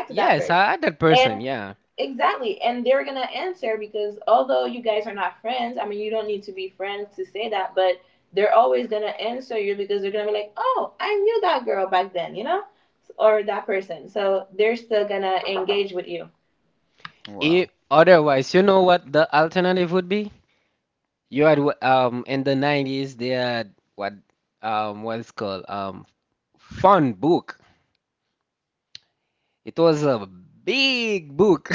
Yes, I had that person. Yeah. If well, otherwise, you know what the alternative would be? You had wh- um in the nineties they had what um what's called um fun book. It was a big book.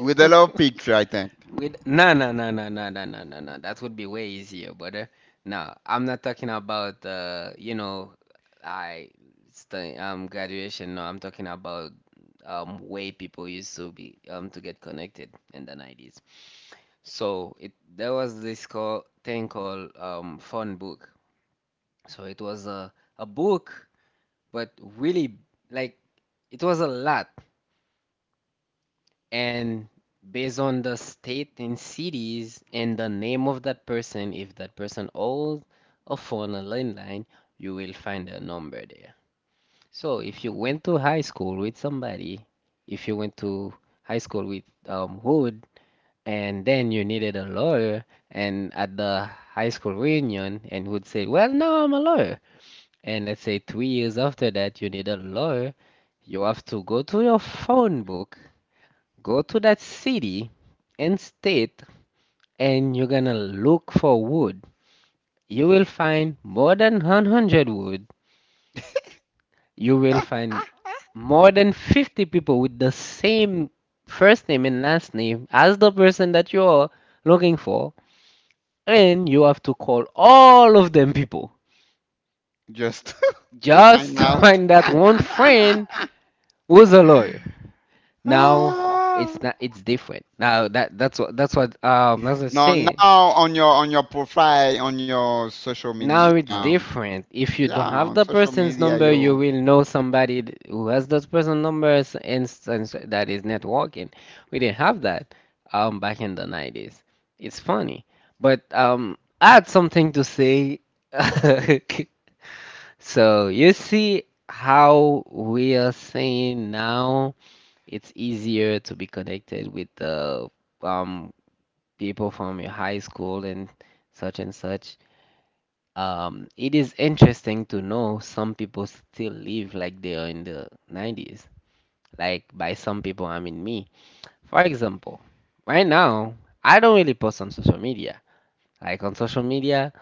with a lot of picture, I think. With no, no, no, no, no, no, no, no, no, that would be way easier, brother. No, I'm not talking about uh you know I st um graduation. No, I'm talking about um way people used to be um to get connected in the nineties. So it there was this call thing called um phone book. So it was a a book, but really like it was a lot and based on the state and cities and the name of that person, if that person owns a phone, a landline, you will find a number there. So if you went to high school with somebody, if you went to high school with um, Hood, and then you needed a lawyer, and at the high school reunion, and Hood said, "Well, now I'm a lawyer." And let's say three years after that, you need a lawyer, you have to go to your phone book, go to that city and state, and you're gonna look for wood. You will find more than one hundred wood. You will find more than fifty people with the same first name and last name as the person that you're looking for, and you have to call all of them people Just to just find to out. find that one friend who's a lawyer. Now Ah. it's not it's different. Now that that's what that's what um that's what I'm No, saying. now on your on your profile on your social media, Now it's um, different. If you yeah, don't have on the social person's media number, you you, will know somebody th- who has that person's number, s- and that is networking. We didn't have that um back in the nineties. It's funny. But um I had something to say. So you see how we are saying now it's easier to be connected with the um people from your high school and such and such. Um, it is interesting to know some people still live like they are in the nineties. Like by some people, I mean me. For example, right now, I don't really post on social media. Like on social media,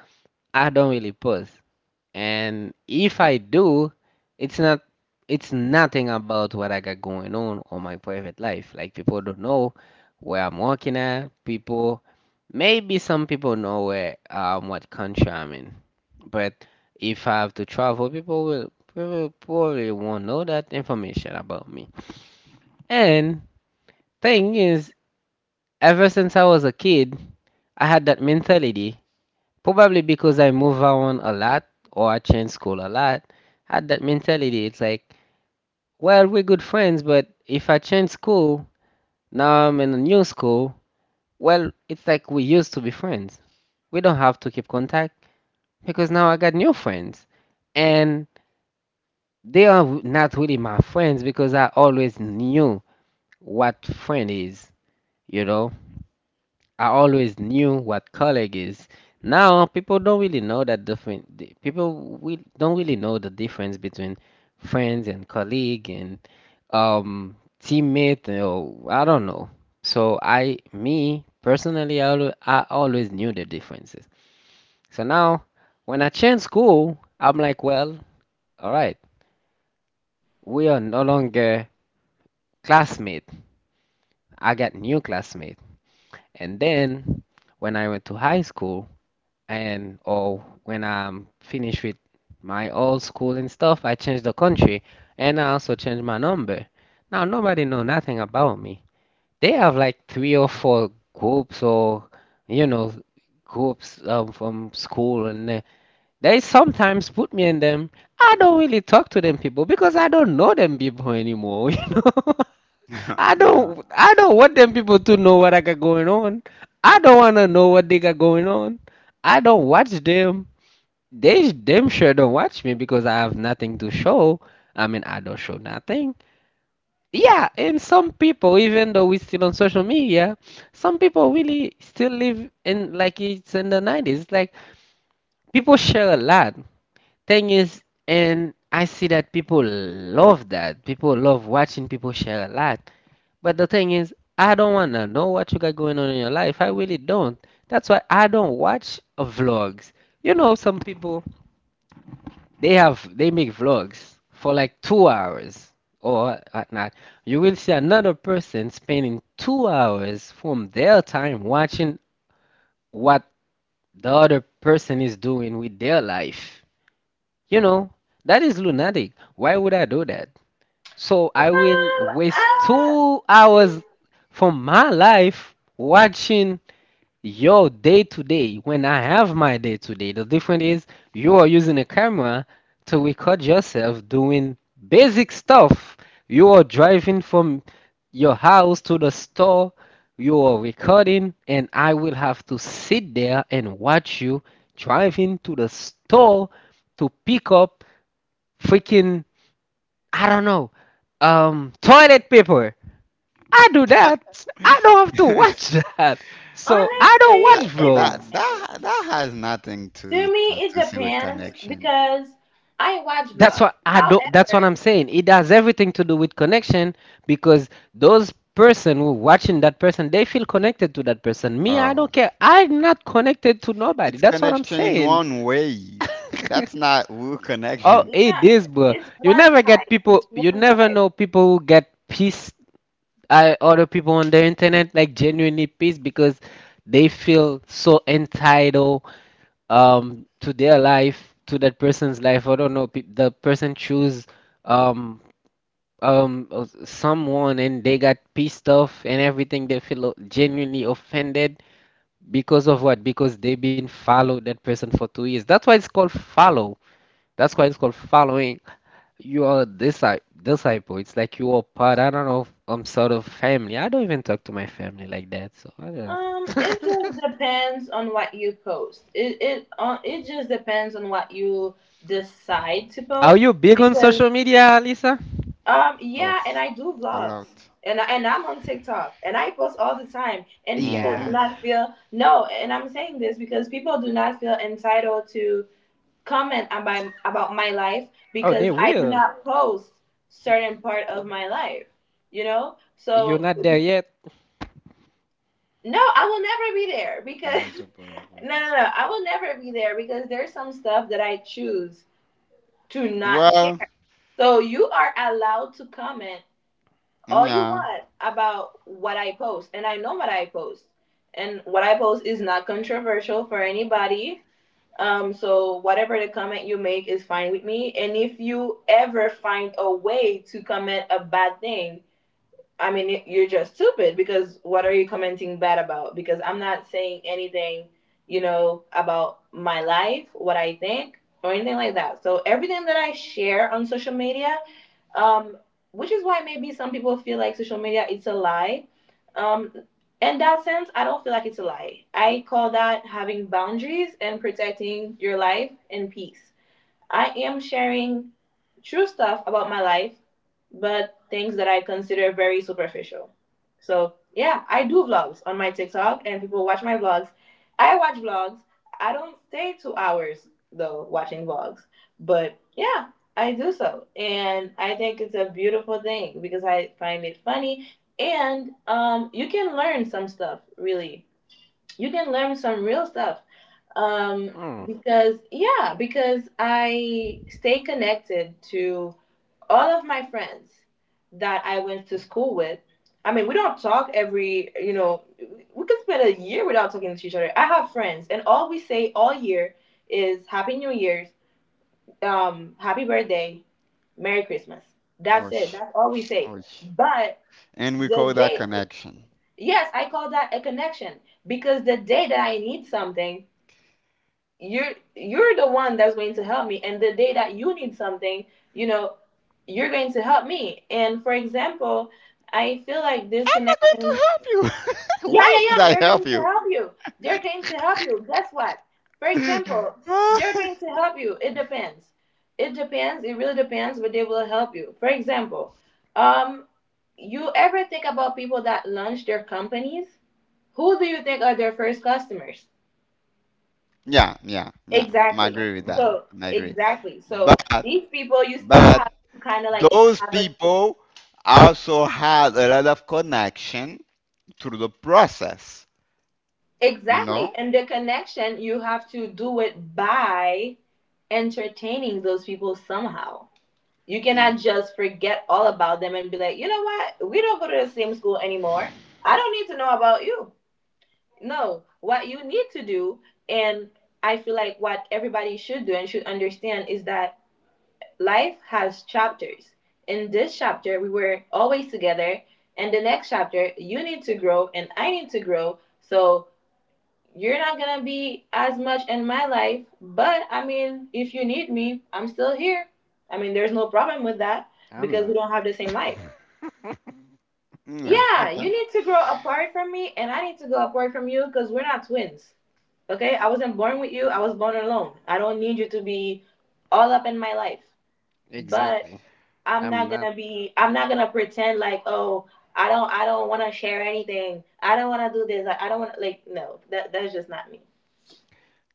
I don't really post. And if I do, it's not it's nothing about what I got going on on my private life. Like people don't know where I'm working at. People Maybe some people know where um what country I'm in. But if I have to travel, people will people probably won't know that information about me. And thing is, ever since I was a kid, I had that mentality. Probably because I move around a lot or I change school a lot, I had that mentality. It's like, well, we're good friends, but if I change school, now I'm in a new school, well, it's like we used to be friends. We don't have to keep contact because now I got new friends. And they are w- not really my friends because I always knew what friend is, you know? I always knew what colleague is. Now people don't really know that different. the- People, we don't really know the difference between friends and colleague and um teammate or I don't know. So I, me personally, I always, I always knew the differences. So now when I change school, I'm like, well, all right, we are no longer classmate. I got new classmate. And then when I went to high school, and or when I'm finished with my old school and stuff, I change the country and I also change my number. Now nobody know nothing about me. They have like three or four groups or you know groups um, from school and uh, they sometimes put me in them. I don't really talk to them people because I don't know them people anymore, you know. I yeah, don't I don't want them people to know what I got going on. I don't wanna know what they got going on. I don't watch them. They Them sure don't watch me because I have nothing to show. I mean I don't show nothing. Yeah, and some people, even though we're still on social media, some people really still live in like it's in the nineties. Like people share a lot. Thing is, and I see that people love that. People love watching people share a lot. But the thing is, I don't wanna know what you got going on in your life. I really don't. That's why I don't watch uh, vlogs. You know, some people they have they make vlogs for like two hours or whatnot. You will see another person spending two hours from their time watching what the other person is doing with their life. You know, that is lunatic. Why would I do that? So I will waste two hours from my life watching your day to day when I have my day to day. The difference is you are using a camera to record yourself doing basic stuff. You are driving from your house to the store, you are recording, and I will have to sit there and watch you driving to the store to pick up freaking I don't know. Um, toilet paper. I do that. I don't have to that watch that. So I don't watch that vlogs. that that has nothing to to to see with connection. That's what I don't. That's what I'm saying. It has everything to do with connection because those person who watching that person, they feel connected to that person. Me, I Oh, don't care. I'm not connected to nobody. it's That's what I'm connection in saying. one way. That's not real Oh, connection it is, bro. You never get people. You never know people who get peace I other people on the internet like genuinely pissed because they feel so entitled um to their life, to that person's life. I don't know, pe- the person choose um um uh, someone and they got pissed off and everything. They feel o- genuinely offended because of what? Because they've been followed that person for two years. That's why it's called follow. That's why it's called following. You are disci disciple. It's like you are part, I don't know, um, sort of family. I don't even talk to my family like that, so I don't. Are you big on social media, Lisa? of a lot. Yeah. Hmm. Oh, they will. You're not there yet. Meta power vortices. Well, yeah. Mm. Oh, sh- oh. Sh- and we call that connection. I'm not going to help you. Why should I help you? Yeah, yeah, yeah. I agree That. with that. Mhm. I agree. But but those people also had a lot of connection through the process. You know? Mm, I'm not. yeah. Okay. Exactly. I'm not.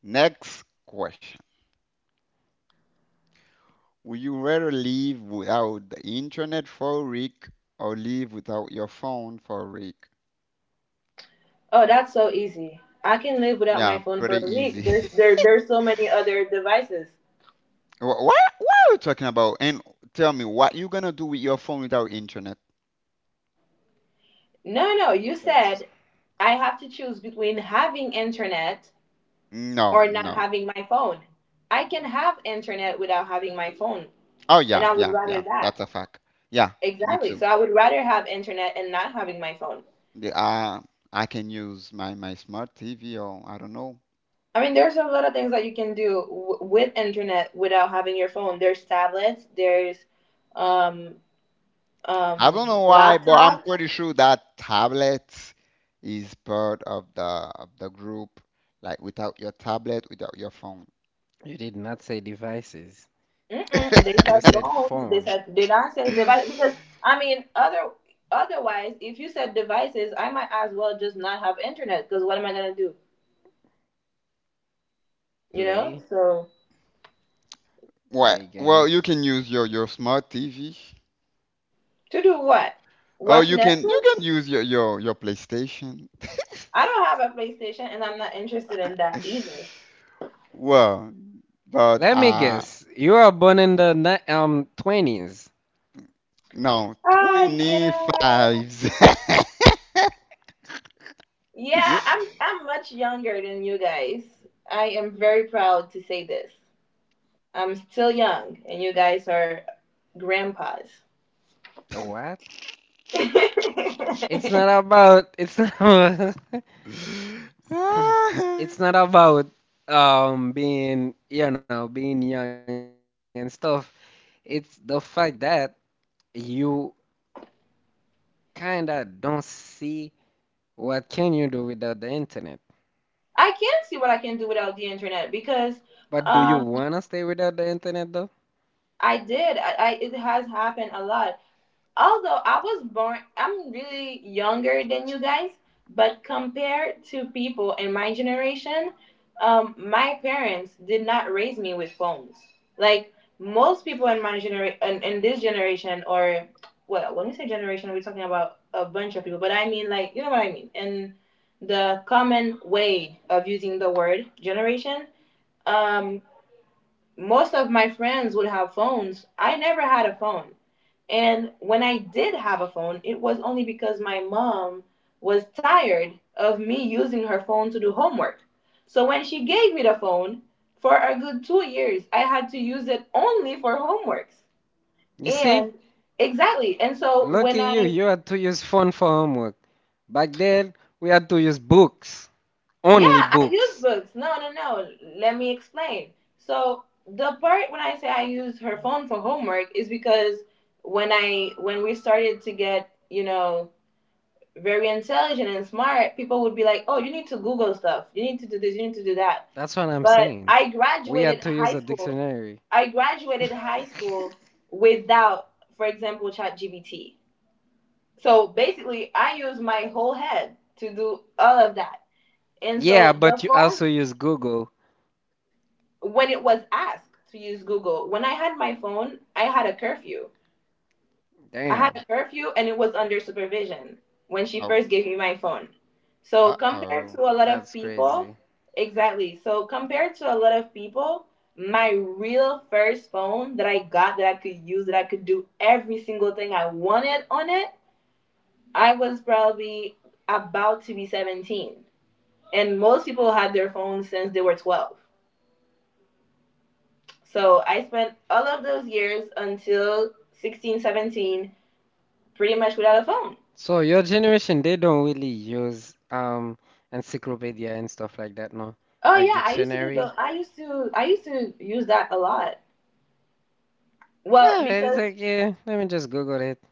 Next question. Would you rather live without the internet for a week or live without your phone for a week? Yeah, pretty easy. Wha- What? What are you talking about? And tell me, what you gonna do with your phone without internet? Th- that's. No, no. Oh yeah, yeah, yeah. That's a fact. Yeah, me too. The, uh, I can use my my smart T V or I don't know. I don't know why, but I'm pretty sure that tablet is part of the of the group. Like without your tablet, without your phone. You did not say devices. You said phone. play, What? play Well, you games. can use your your smart T V. Oh, you can you can use your your, your PlayStation. Well, but Let me uh guess. You are born in the ni- um twenties. no, twenty-fives. You what? It's not about, it's not about, it's not about um being, you know, being young and stuff. It's the fact that you kinda don't see what can you do without the internet. But do you wanna stay without the internet though? You see? Look at you. You had to use phone for homework. Back then, we had to use books. Only books. That's what I'm saying. We had to use a dictionary. Yeah, but you also use Google. Damn, Oh, uh-oh. that's crazy. So your generation, they don't really use um encyclopedia and stuff like that, no? Like dictionary. No, it's like yeah, let me just Google it.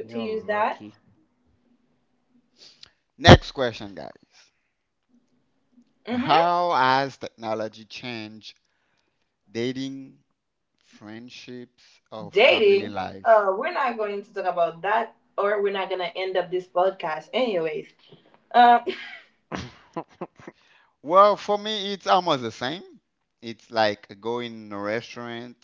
You're lucky. Next question, guys. How has technology changed dating, friendships, or family life? Well, for me, it's almost the same. It's like going in a restaurant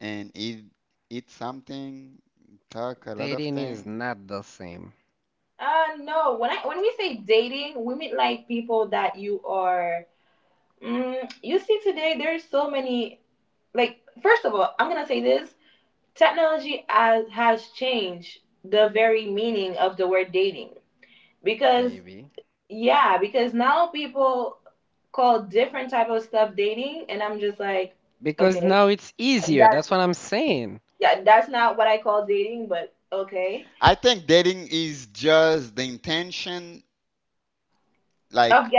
and eat eat something, talk a lot of Dating is thing. not the same, maybe. Because now it's easier. That's what I'm saying. I think dating is just the intention, like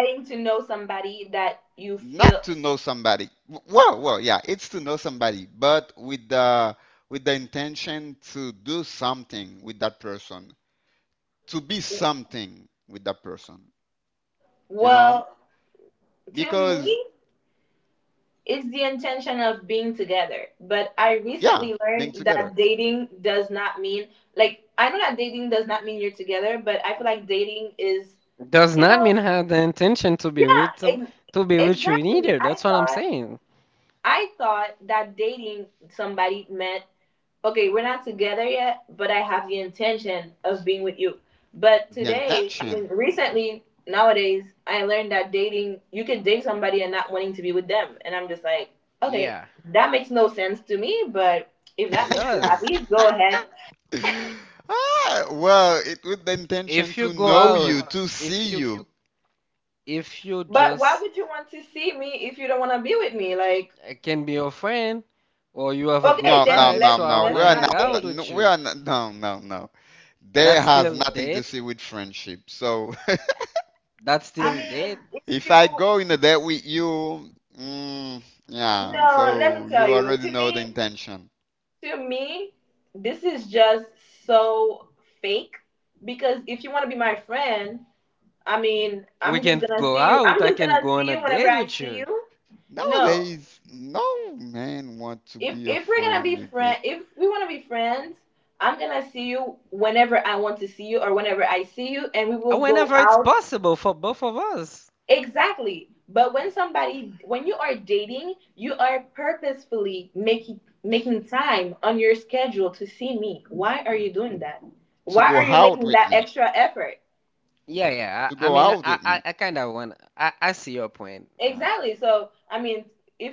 not to know somebody. Well, well, yeah, it's to know somebody, but with the with the intention to do something with that person, to be something with that person, you know? Because yeah, being together, Does not mean I had the intention to be with some, to be with you either. That's what I'm saying. the intention. Yeah, it does. Ah, well, it with the intention If you to go know out, you, to see if you you. if you just uh, can be your friend or you have a good No, no, vibe, no, so I no. We wanna are hang out not. No, with we you. are not. No, no, no. That's That has still nothing to date. see with friendship. So That's still date. if I go in a date with you, mm, yeah, so you already know the intention. We can go out. I can go on a date with you. Nowadays, no man want to be a friend with me, Uh, whenever it's possible for both of us. to go out with me, Yeah, yeah. to I, I go mean, I out with me I, I kind of want. I I see your point. No,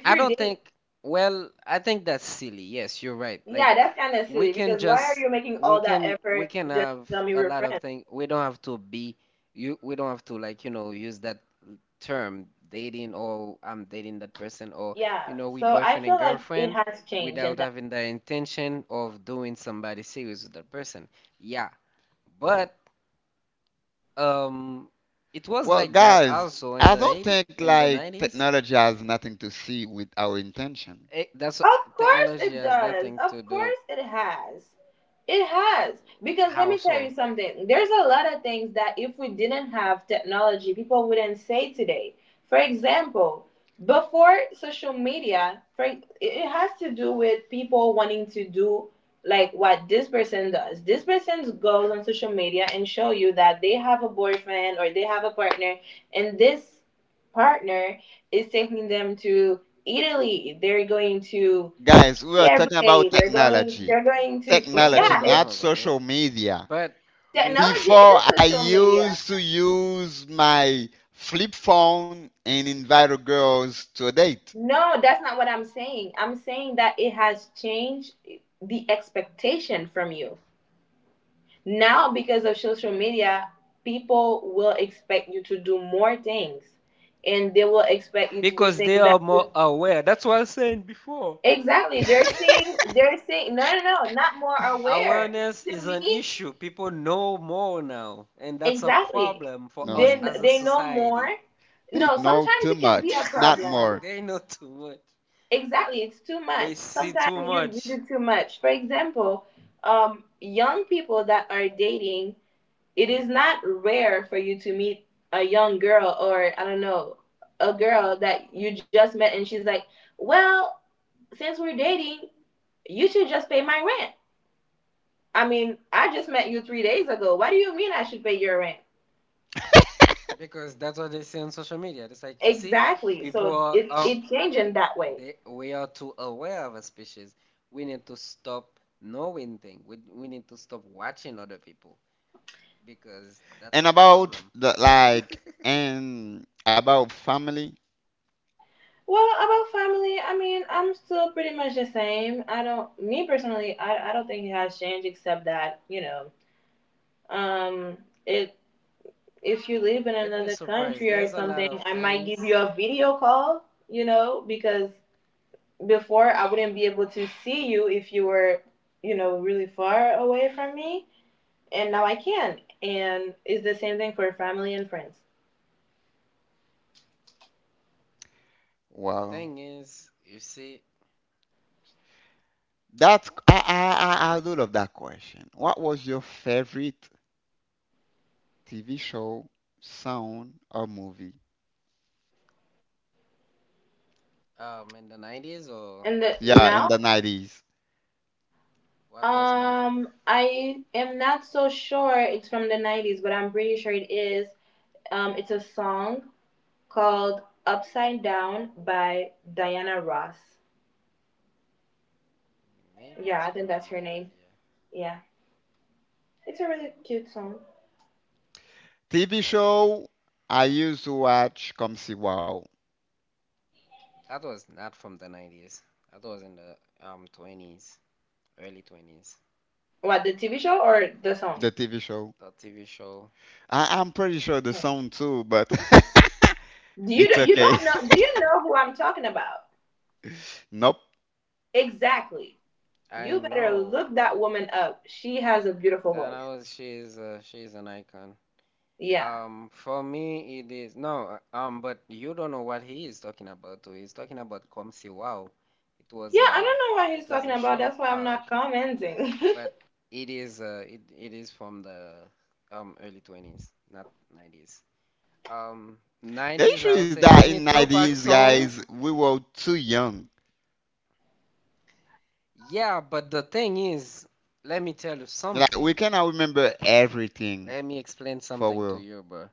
I don't think, well, I think that's silly. Yes, you're right. Like we can just we can we can have a lot of things. We don't have to be you we don't have to like, you know, use that term dating or I'm dating that person or you know, we boyfriend and girlfriend without having the intention of doing somebody serious with that person. Yeah. But um it was Well, like that guys, also in I the don't 80 think in the like nineties. technology has nothing to see with our intention. Eh, that's Technology has nothing to do. How so? Guys, we are talking about technology. Oh, Technology, hold on, not hold on. Yeah. social media. But listen, Before I used to use my flip phone and invite girls to a date. because they are more aware. That's what I was saying before. Awareness is an issue. People know more now, and that's a problem for us No, as a society. they know too much, not more. They know too much. They see too much because that's what they see on social media. It's like, you see, people are, are they we are too aware of a species. We need to stop knowing things. We, we need to stop watching other people, because that's And a about problem. the like and about family. You'd be surprised. There's a lot of things. Well, Thing is, you see, that's I I I, I do love that question. What was your favorite T V show, song, or movie? um, in the nineties, or Yeah, in the nineties. what was my f- maybe it's from the nineties, yeah. T V show I used to watch Come See Wow, That was not from the nineties. That was in the um twenties, early twenties. the T V show. The T V show that I, I'm pretty sure the song too, but it's okay. Nope. I know, Dana was she's uh, she's an icon. Um, for me, it is no, uh, um, but you don't know what he is talking about too. He's talking about Comme Si Wow. It was a, it was a show. Ah, okay. But it is, uh, it, it is from the um early twenties, not nineties. Um, The nineties, issue I would is say that any in Tupac nineties, song. guys, we were too young. Yeah, but the thing is, let me tell you Like, we something. cannot remember everything Let me explain for something to real. you, bro.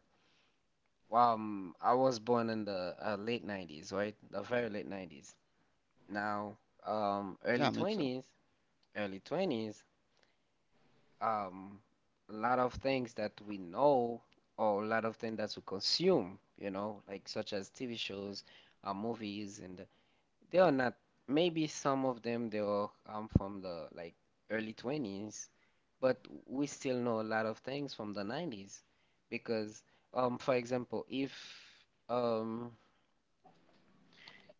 Um, I was born in the uh, late nineties, right? The very late nineties. Now, um, early Yeah, me too. twenties, early twenties, um, a lot of things that we know, or a lot of things that we consume, you know, like such as T V shows, uh, movies, and they are not. Maybe some of them they are, um, from the like early twenties, but we still know a lot of things from the nineties because, um, for example, if um,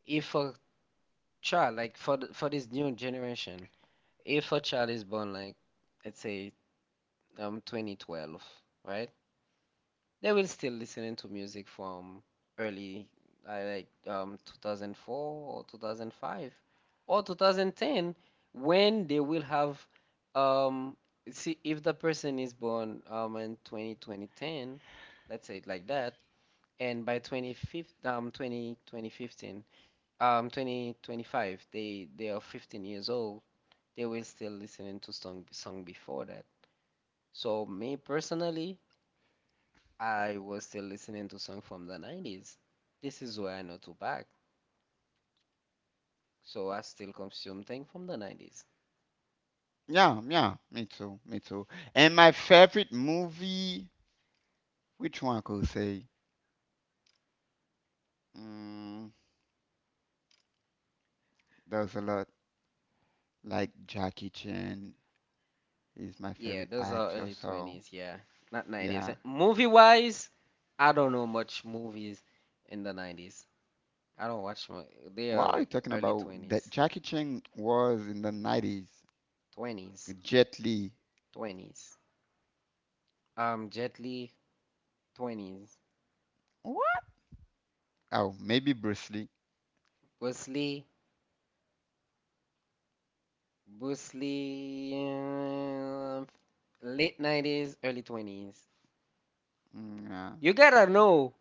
if a child, like for th- for this new generation, if a child is born, like, let's say, um twenty twelve, right, they will still listening to music from early. I, like, um two thousand four or two thousand five, or twenty ten, when they will have, um see, if the person is born, um in twenty twenty ten, let's say it like that, and by twenty fifteen, um twenty twenty fifteen, um twenty twenty-five, they they are fifteen years old, they will still listening to song song before that. So me personally, I was still listening to songs from the nineties. This is where I know Tupac. So I still consume things from the nineties. Yeah, yeah, me too, me too. And my favorite movie, which one I could say? Mm, there's a lot. Like, Jackie Chan is my Yeah, favorite those are actor, early so twenties, yeah. Not nineties. yeah. Movie wise, I don't know much movies in the nineties. I don't watch much. They What are are you like talking early about? That twenties. Jackie Chan was in the nineties. twenties. Jet Li. twenties. Um, Jet Li, twenties. What? Oh, maybe Bruce Lee. Bruce Lee, Bruce Lee, um, late nineties, early twenties. Mm, uh, You gotta know,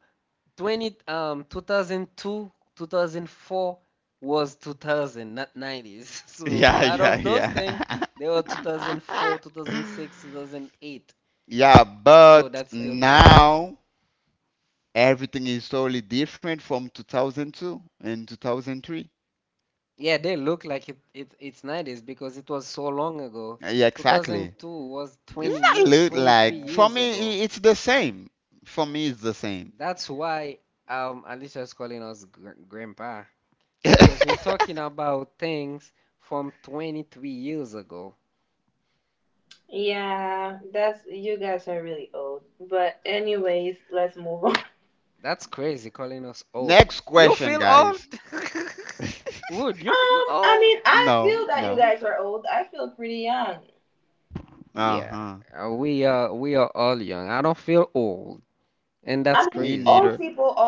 twenty um two thousand two, two thousand four was two thousand, not nineties. So a yeah, lot of those things, yeah, they were yeah. two thousand four, two thousand six, two thousand eight, Yeah, so but that's still twenties. now everything is totally different from two thousand two and two thousand three. Yeah, they look like, it, it it's nineties because it was so long ago. Yeah, exactly. two thousand two was It's twenty not year, look twenty-three like for years me. ago. i- It's the same. For me, it's the same. That's why um Alicia's calling us gr- grandpa, because we're talking about things from twenty-three years ago. That's crazy, calling us Next old. You question, feel old? guys. Would you feel old? No, no. Yeah, Uh-huh. uh, we are we are all young. I don't feel old, and that's Me crazy. neither.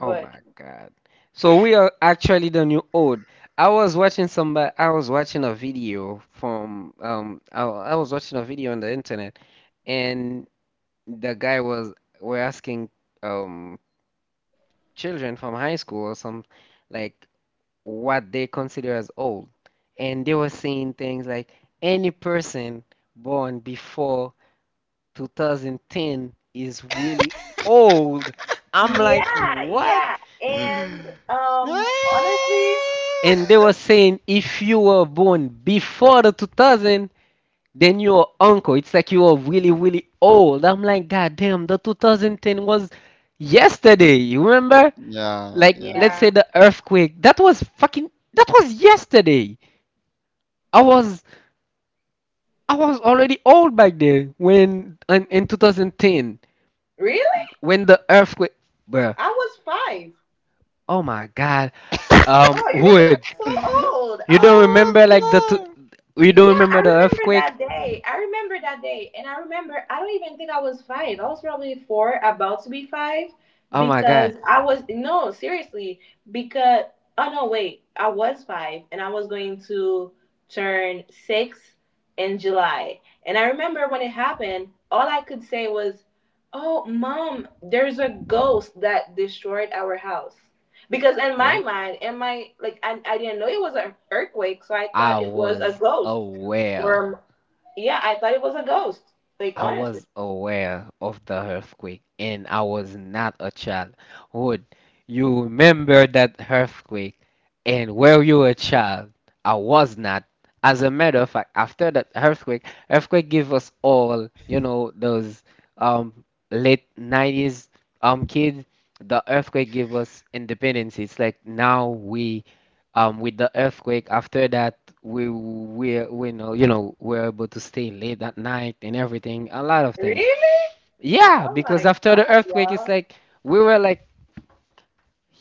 Oh my God. So we are actually the new old. I was watching somebody, I was watching a video from um I, I was watching a video on the internet, and the guy was, were asking, um children from high school or some, like, what they consider as old. And they were saying things like any person born before two thousand ten is really old. I'm like, what? Ah! And they were saying if you were born before the two thousand, then your uncle. It's like you are really, really old. I'm like, God damn, the two thousand ten was yesterday. You remember? Yeah, Like, let's yeah. say the earthquake. That was fucking, that was yesterday. I was I was already old back then when in, in twenty ten when the earthquake, bruh. Oh my God. Um, Wood, you don't remember Oh, like the t so you don't remember the earthquake? Oh my God. What? I was aware. I was aware of the earthquake, and I was not a child. Would you remember that earthquake, and were you a child? I was not. As a matter of fact, after that earthquake, earthquake gave us all, you know, those um late nineties um kids, the earthquake gave us independence. It's like now we, um with the earthquake after that, we we we know, you know, we're able to stay late at night and everything, a lot of things. Yeah, because after the earthquake, it's like we were like,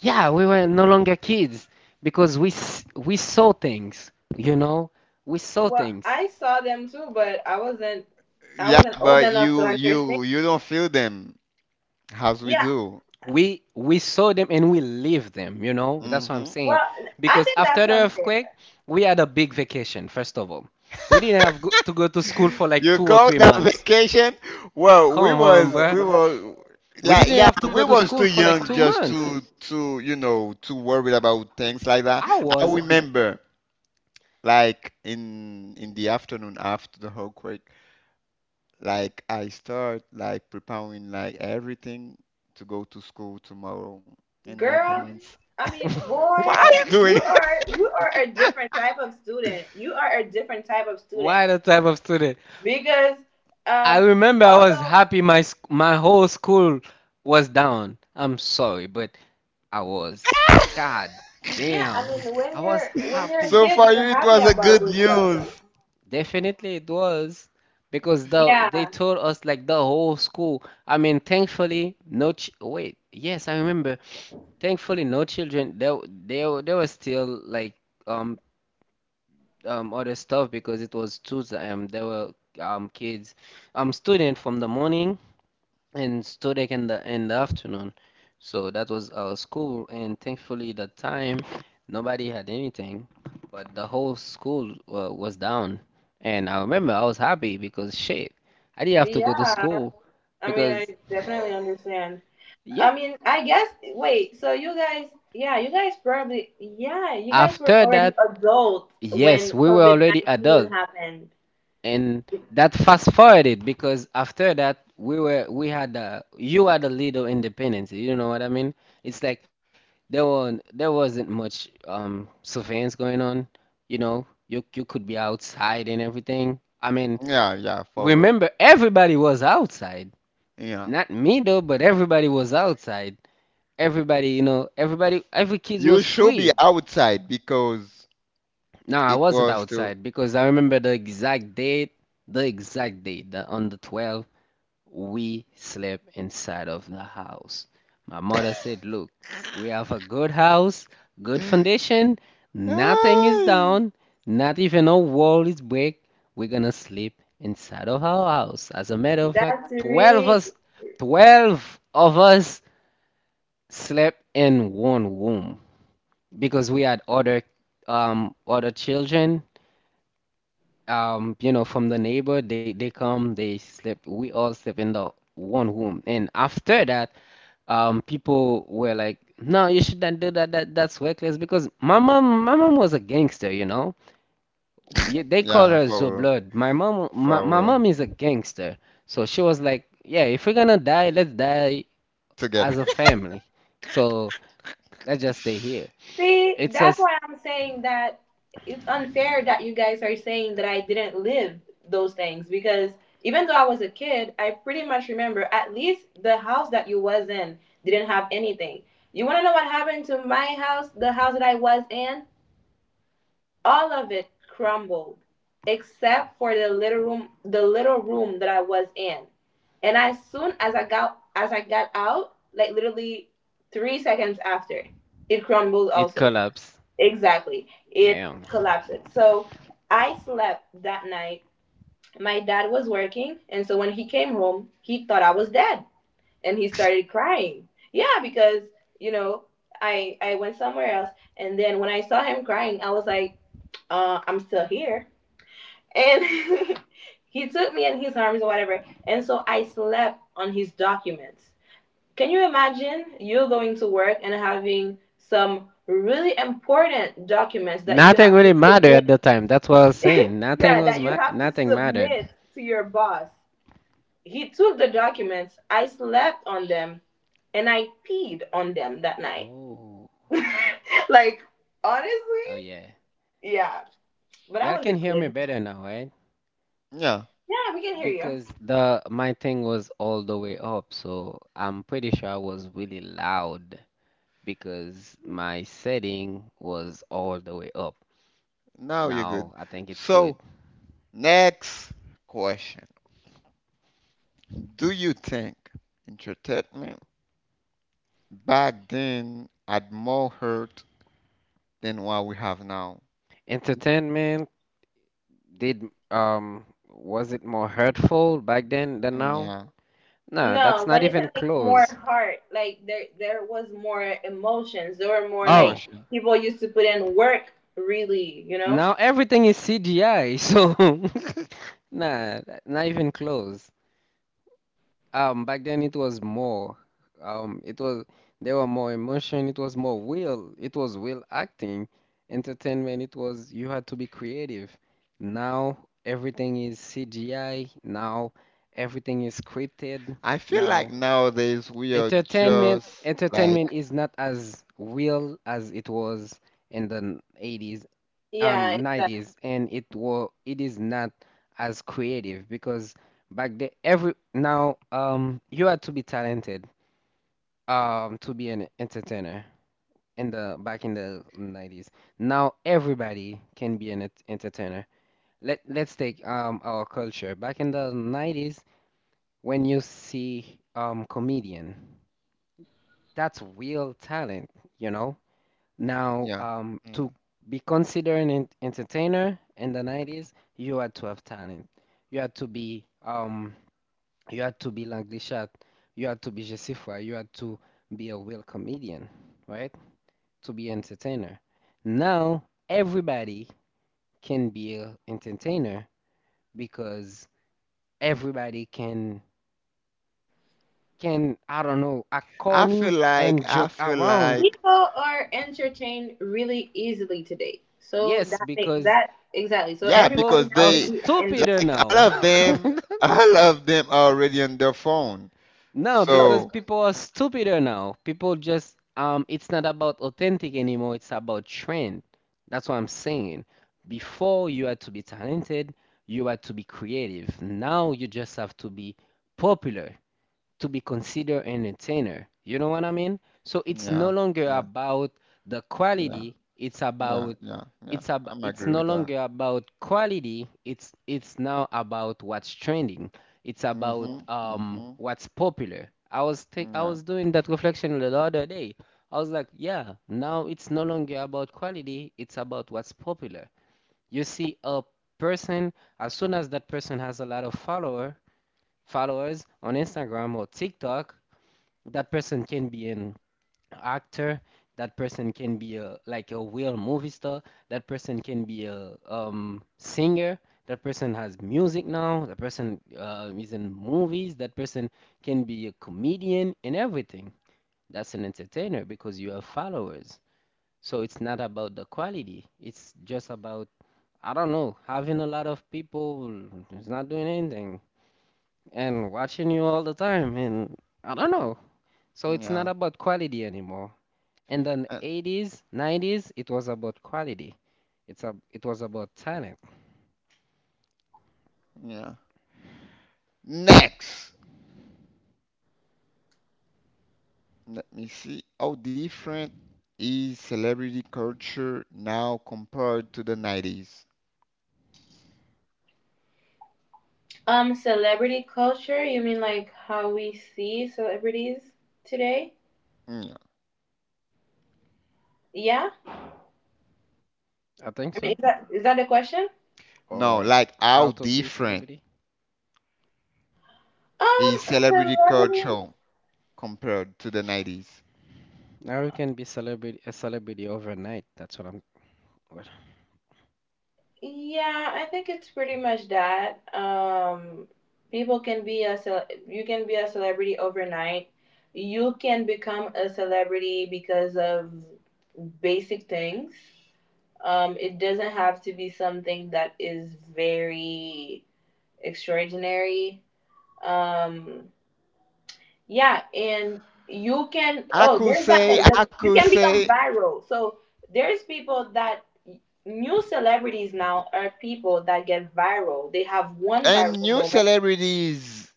yeah, we were no longer kids, because we s- we saw things, you know. We saw things. yeah, but you you you don't feel them as we do. we we saw them, and we lived them, you know. That's what I'm Hmm. saying. Because after the earthquake, we had a big vacation, first of all. We didn't have go- to go to school for like You two or call three that months vacation? Well, we Come on, was bro. we were We like didn't yeah, have to go we to was school too for like young two just months. to to you know to worry about things like that. I I was. remember like in in the afternoon after the earthquake, like I start like preparing like everything to go to school tomorrow, and my parents, what are you doing? Why, the type of student? I remember I was happy, my sc- my whole school was down. I'm sorry, but I was. God damn. I was happy. So for you, it was a good news. Definitely it was, because the they told us like the whole school. I mean, thankfully no ch wait. Yes, I remember. Thankfully no children. They they they were still like, um um, other stuff because it was Tuesday. Um, there were, um, kids, um, student from the morning and student in the in the afternoon. So that was our school, and thankfully that time nobody had anything, but the whole school uh, was down. And I remember I was happy because shit, I didn't have to go to school, because yeah. After that, yes, we were already adult, and that fast forwarded, because after that we were we had a you had a little independence, you know what I mean. It's like there were, there wasn't much um surveillance going on. You know, you you could be outside and everything, I mean. Yeah, yeah, for real. Remember, everybody was outside. Yeah, Not me though, but everybody was outside. Everybody, you know, everybody, every kid you was should be free. outside because No, I it wasn't was too. outside, because I remember the exact date, the exact date, the, on the twelfth. We slept inside of the house. My mother said, "Look, we have a good house, good foundation, nothing is Ay. down, not even a wall is break. We're gonna sleep inside of our house." As a matter of fact, twelve of us, twelve of us slept in one room, because we had other um other children, um, you know, from the neighbor, they they come, they sleep. We all sleep in the one room, and after that, um, people were like, "No, you shouldn't do that. That that's reckless." Because my mom, my mom was a gangster, you know. Yeah, they call Yeah, her Zo for real, Blood. My mom, my, my for real. mom is a gangster, so she was like, "Yeah, if we're gonna die, let's die Together. as a family. So let's just stay here." It's just, it collapsed. Yeah. Nothing really mattered at the time. That's what I was saying. Nothing was ma- nothing mattered. Oh, oh yeah. Y'all can hear me better now, right? Yeah, Because the my thing was all the way up, so I'm pretty sure I was really loud because my setting was all the way up. now you're good. Now I think it's So good. next question. Do you think entertainment back then had more hurt than what we have now? Entertainment did, um was it more hurtful back then than Mm, now? yeah, No, that's not even close. Oh, emotion. now everything is C G I, so nah, not even close. Um, back then it was more. Um, it was, there were more emotion. It was more will. It was will acting, entertainment. It was you had to be creative. Now everything is C G I. Now everything is scripted. I feel like Now nowadays we are entertainment, just like, entertainment is not as real as it was in the eighties, um nineties, and it was, it is not as creative, because back then every now, um you had to be talented, um to be an entertainer in the back in the nineties. Now everybody can be an ent- entertainer. Let let's take, um our culture back in the nineties, when you see, um comedian, that's real talent, you know. Now, yeah. um, mm. to be considered an ent- entertainer in the nineties, you had to have talent. You had to be, um, you had to be Lang Lishat, you had to be Jessifa, you had to be a real comedian, right? To be entertainer. Now, everybody can be a entertainer, because everybody can, can I don't know, act I feel corny like, and I joke feel around. like, Yes, because yeah, people because are they, stupider like, all now. of them, all of them are already on their phone. No, because So, people are stupider now. People just, um it's not about authentic anymore, it's about trend. That's what I'm saying. Before you had to be talented, you had to be creative. Now you just have to be popular to be considered an entertainer. You know what I mean? So it's no yeah, longer yeah, about the yeah, quality, it's yeah, about, yeah, yeah. it's ab- I'm it's agree no with that. longer about quality, it's it's now about what's trending. It's about Mm-hmm, um mm-hmm, what's popular. I was think I was mm, doing that reflection the other day. I was like, yeah, now it's no longer about quality, it's about what's popular. You see a person, as soon as that person has a lot of follower, followers on Instagram or TikTok. That person can be an actor, that person can be a like a real movie star, that person can be a um singer, that person has music now, that person uh, is in movies, that person can be a comedian and everything. That's an entertainer because you have followers. So it's not about the quality. It's just about, I don't know, having a lot of people who's not doing anything and watching you all the time and I don't know. So it's yeah, not about quality anymore. And then yeah. eighties, nineties, it was about quality. It's a, it was about talent. Yeah. Next, let me see. How different is celebrity culture now compared to the nineties? Mm. I think so. No, Or like how how to be a different celebrity. is celebrity culture compared to the nineties? Now you can be celebrity a celebrity overnight. That's what I'm. What, I could say, I could say, and new celebrities,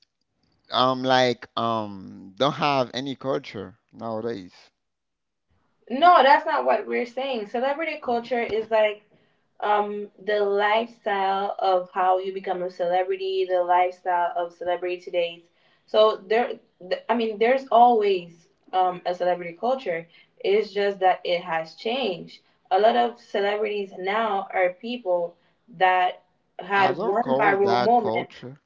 um, like, um, don't have any culture nowadays. I don't call that culture.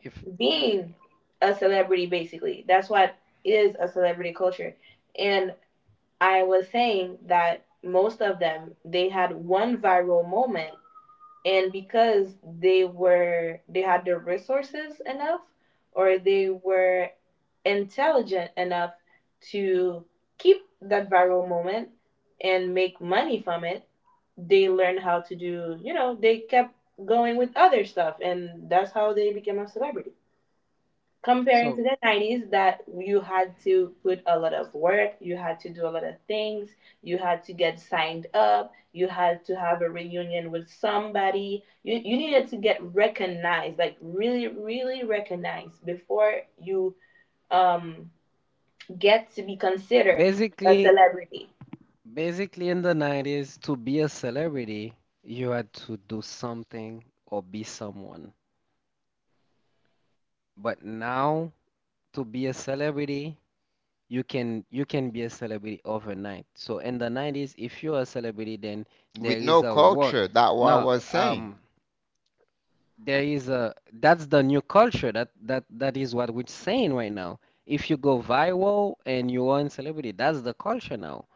if we- so, basically, basically in the nineties, to be a celebrity, you had to do something or be someone. But now, to be a celebrity, you can you can be a celebrity overnight. So in the nineties, if you're a celebrity, then With there no is a work. culture, that what I No, was saying. um, there is a that's the new culture. That that that is what we're saying right now. If you go viral and you are a celebrity, that's the culture now.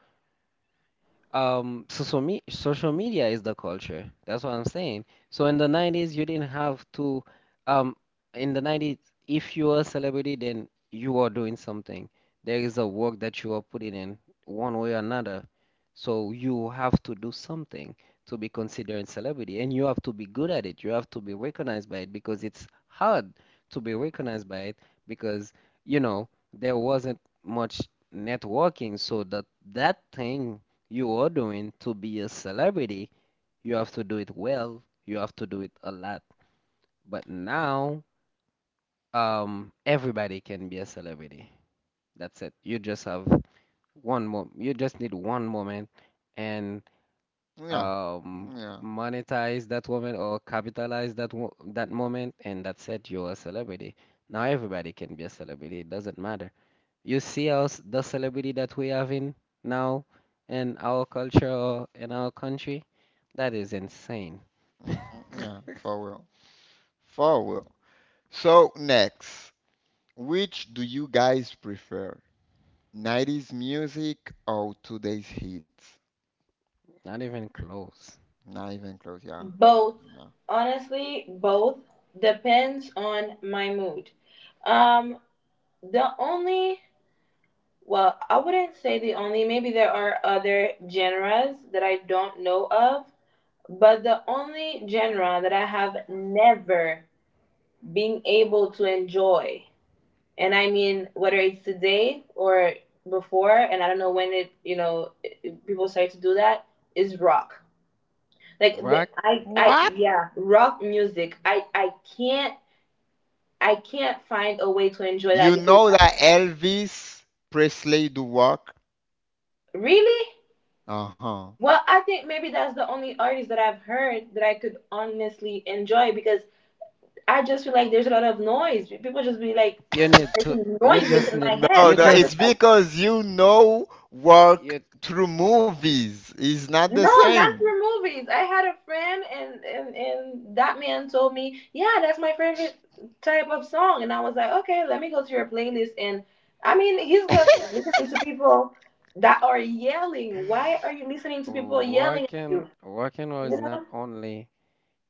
Um, social me social media is the culture. That's what I'm saying. So in the nineties, you didn't have to. Um, in the nineties, if you are a celebrity, then you are doing something. There is a work that you are putting in, one way or another. So you have to do something to be considered a celebrity, and you have to be good at it. You have to be recognized by it because it's hard to be recognized by it because, you know, there wasn't much networking, so that that thing you are doing to be a celebrity, you have to do it well, you have to do it a lot. But now, um, everybody can be a celebrity. That's it. You just have one more, you just need one moment and Yeah. um, Yeah. monetize that moment or capitalize that wo- that moment, and that's it. You're a celebrity. Now everybody can be a celebrity. It doesn't matter. You see us, the celebrity that we have in now in our culture or in our country? That is insane. Mm-hmm. Yeah, for real. For real. So next, which do you guys prefer? nineties music or today's hits? Not even close. Not even close, yeah. No. Rock, What? You know that Elvis Presley do work? Uh-huh. you need to, you just need, No, you no, it's just, because you know work you, through movies is not the same. working, working or is not only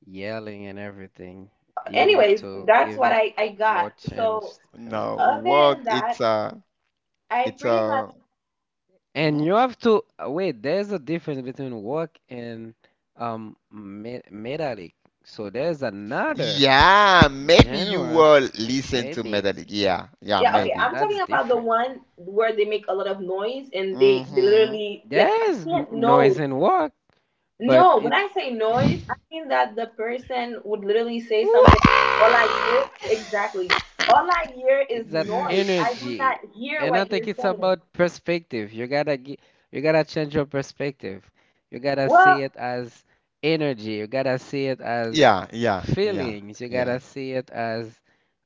yelling and everything. You need to give it more chance and No, everything. work it's a it's a And mhm. you have to uh, wait, there's a difference between work and um me metallic. So there's another Yeah, maybe you genre, will listen to maybe metal. Yeah, yeah, that maybe. that's different. Mm-hmm. There is n- noise in work, but it it's that energy. And I think it's about perspective. You gotta gi- you gotta change your perspective. You gotta see it as energy. You gotta see it as Yeah, yeah, yeah, feelings. You yeah. gotta see it as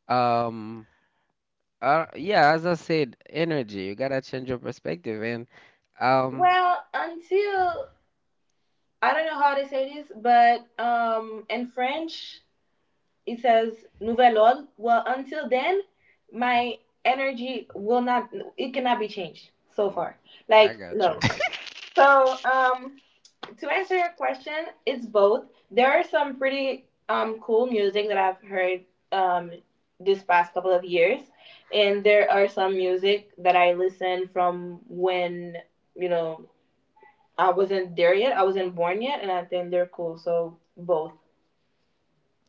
um Uh, yeah, as I said, energy. You gotta change your perspective, and um, mm, I got you.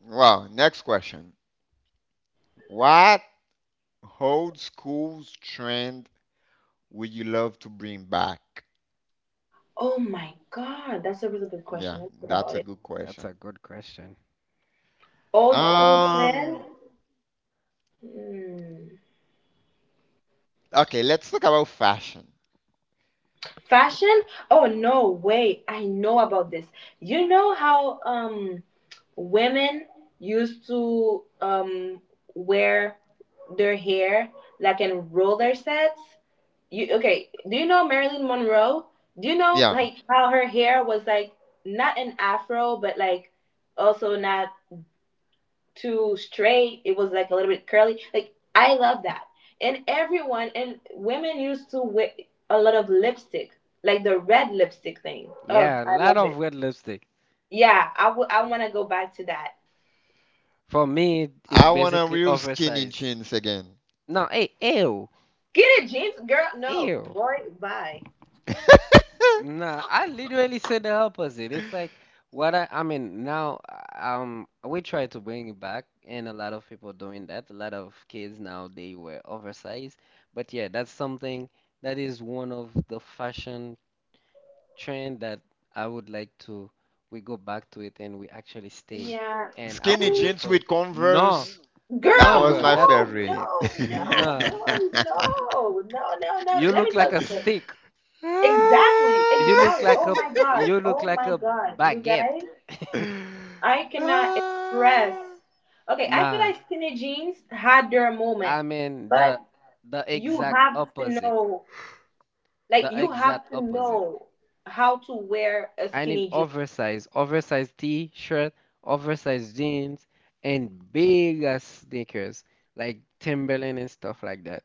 Well, next question. What old school trend would you love to bring back? Yeah, that's a good Ooh, that's a question. good question. Um, okay, let's talk about fashion. Yeah, Yeah, a lot of red lipstick. For me, it's I want a basically real skinny oversized. jeans again. No, hey, ew, ew. Nah, I literally said the opposite. It's like what I, I mean now um we try to bring it back and a lot of people doing that. A lot of kids now they wear oversized. But yeah, that's something that is one of the fashion trend that I would like to we go back to it and we actually stay and Skinny appreciate jeans for with no, Converse. That no was bro, my that favorite. nah. You look like a stick. You Ah, look like a you look like a baguette. ah. Nah, I mean the the exact opposite. The exact opposite. I need oversized, oversized t-shirt, oversized jeans, and big ass sneakers like Timberland and stuff like that.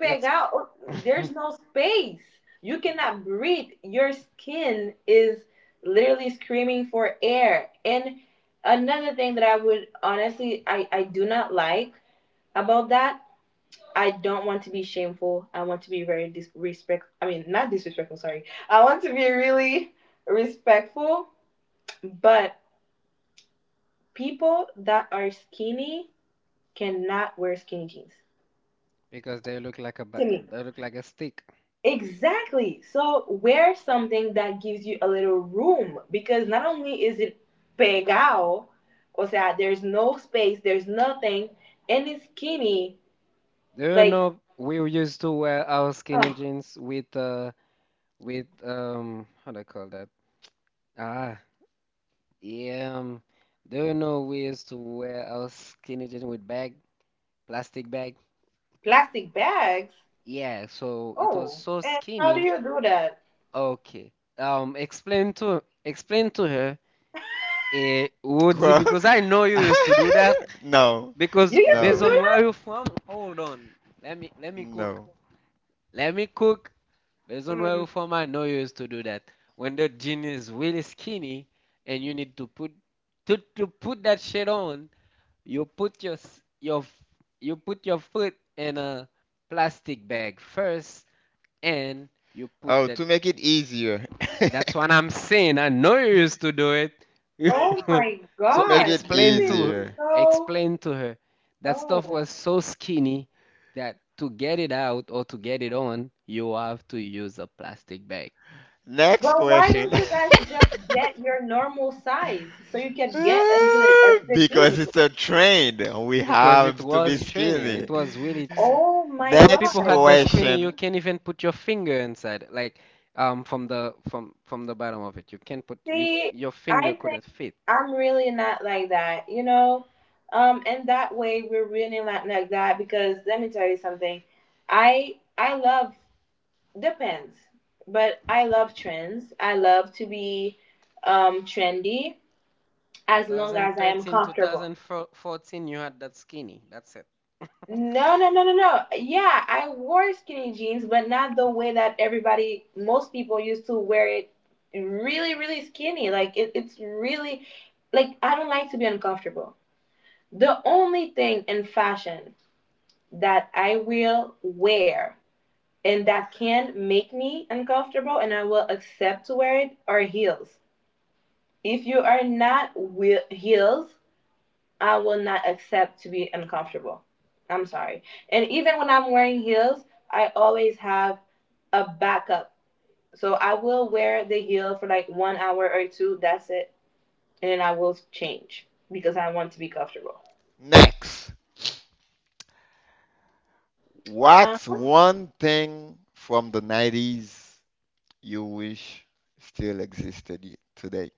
It's because they look like a ba- they look like a stick. Do you know we used to wear our skinny jeans with uh with um how do I call that? Ah, yeah. Um, do you know we used to wear our skinny jeans with bag plastic bag? Yeah, so it was so skinny. Okay. Um, explain to explain to her, eh, Woodsy, Well, because I know you used to do that. no, Because based no, on where you're from, hold on. Let me let me cook. no. Let me cook. Based on where you're from, I know you used to do that. When the jean is really skinny and you need to put to, to put that shit on, you put your s- your f- you put your foot in a plastic bag first and you put Oh, that. to make it easier. That's what I'm saying. I know you used to do it. To So make it explain to her- easier. explain to her that stuff was so skinny that to get it out or to get it on, you have to use a plastic bag Next question. Because it's a trend, we because it have to be was training. It skinny. was really t- some people Next had the squeenie. You question. can't even put your finger inside, like um from the from from the bottom of it. You can't put you your finger couldn't fit. two thousand thirteen, two thousand fourteen, you had that skinny. That's it. Next. What's one thing from the nineties you wish still existed y- today?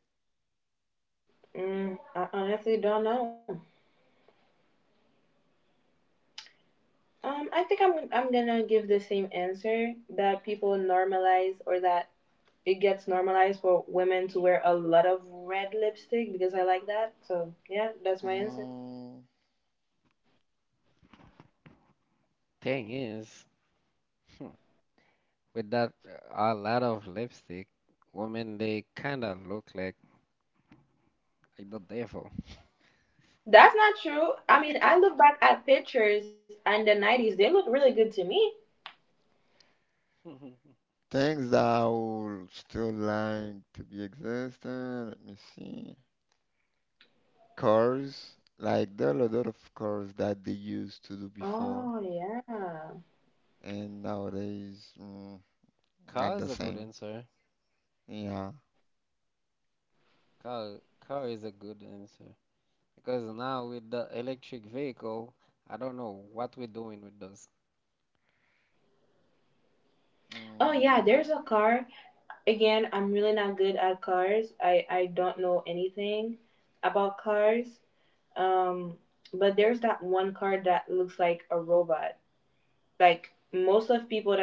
Mm, Thing is, with that uh, a lot of lipstick, women they kind of look like the devil. Mhm. things that I would still like to be existent. Let me see. Cars. Like, there are a lot of cars that they used to do before, and nowadays, mm, Car not is the a good same. answer. Yeah. Car, car is a good answer because now with the electric vehicle, I don't know what we're doing with those. Mm,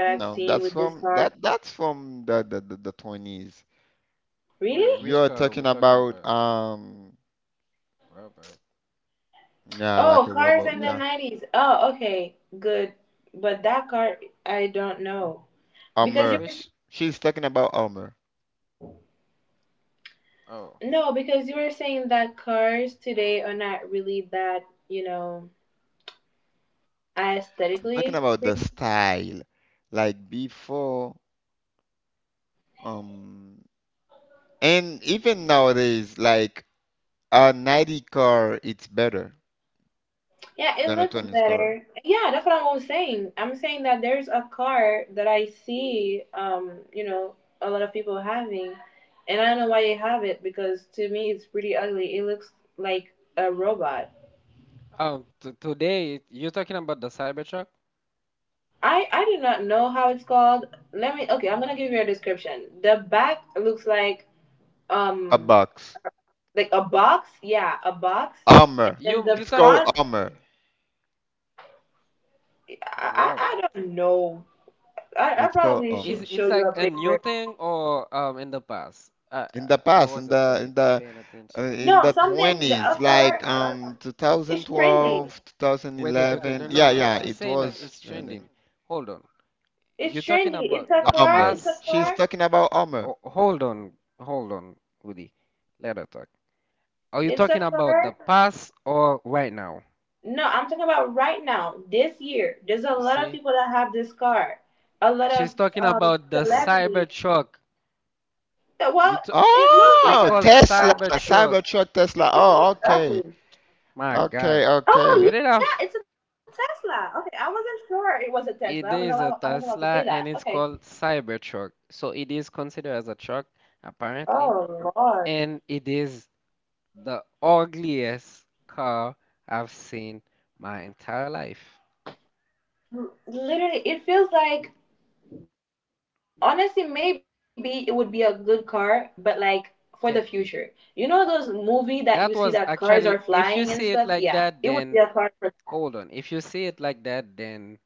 no, that's from that that's from the, the, the, the twenties. Wait, which You're car are we talking talking about about? um Robert. yeah, like a robot. Yeah. Armor. Which? She's talking about armor. Oh, I'm talking about the style. Like before, um, and even nowadays, like a ninety car, it's better than a twenties car. Oh, t today you're talking about the Cybertruck? A box. Armor. you you It's talk. called Wait. armor. Robot. It's called Is armor. it's like a new thing or um in the past? I In I the I past, in wasn't the paying in the paying uh, attention. in the twenties, like um two thousand twelve, Wait, wait, wait, wait. No, two thousand eleven. no, Yeah, no. yeah, She's it saying that was it's trending. trending. Hold on. You're talking about the Armor. past She's or talking about armor. oh, hold on. Hold on, Woody. Let her talk. Are you talking about the past or right now? You see? She's talking about the Cybertruck. You t- it's Oh, called Tesla, Cybertruck. Cybertruck Tesla. Oh, okay. My Okay, God. You okay. did have it is a Tesla and it's called Cybertruck. So it is considered as a truck, apparently. And it is the ugliest car I've seen my entire life. Can't be. That was actually, if you see it like that, then hold on. If you see it like that, then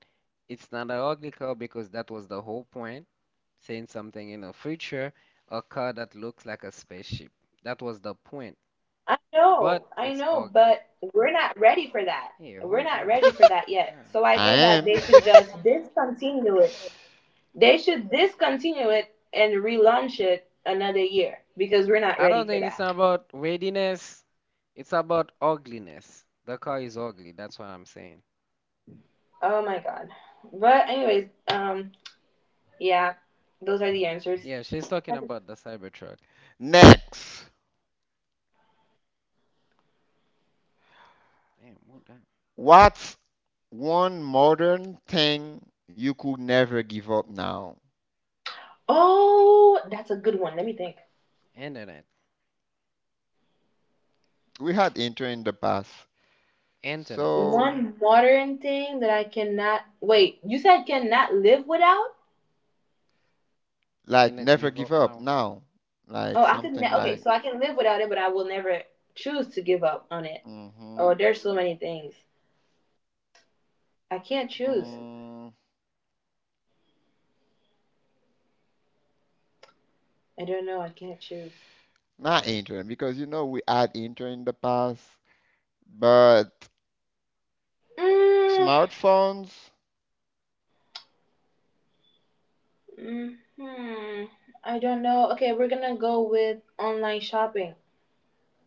it's not an ugly car because that was the whole point. Saying something in the future, a car that looks like a spaceship. That was the point. But it's ugly. Hey, hold on. Yeah. I am. I don't think it's not about weightiness. It's about ugliness. The car is ugly. That's what I'm saying. Yeah, she's talking about the Cybertruck. Next. Damn, what the? What's one modern thing you could never give up now? Internet. We had intro in the past. Internet, that's it. So, Cannot like, give never up give now. up now. Like, something like, mm-hmm, Who mm, not intern, because you know we had intern in the past, but smartphones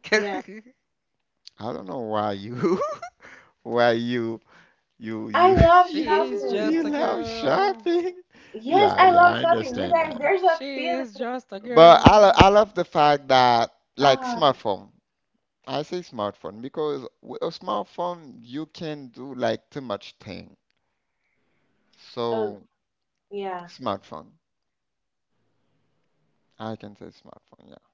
the- I don't know why you why you you you She is you you just a love girl. shopping. Yeah, yeah, I understand that. She is just a But I lo- girl. I love the fact that like smartphone. I say smartphone because with a smartphone you can do like too much thing. So smartphone. I can say smartphone, yeah.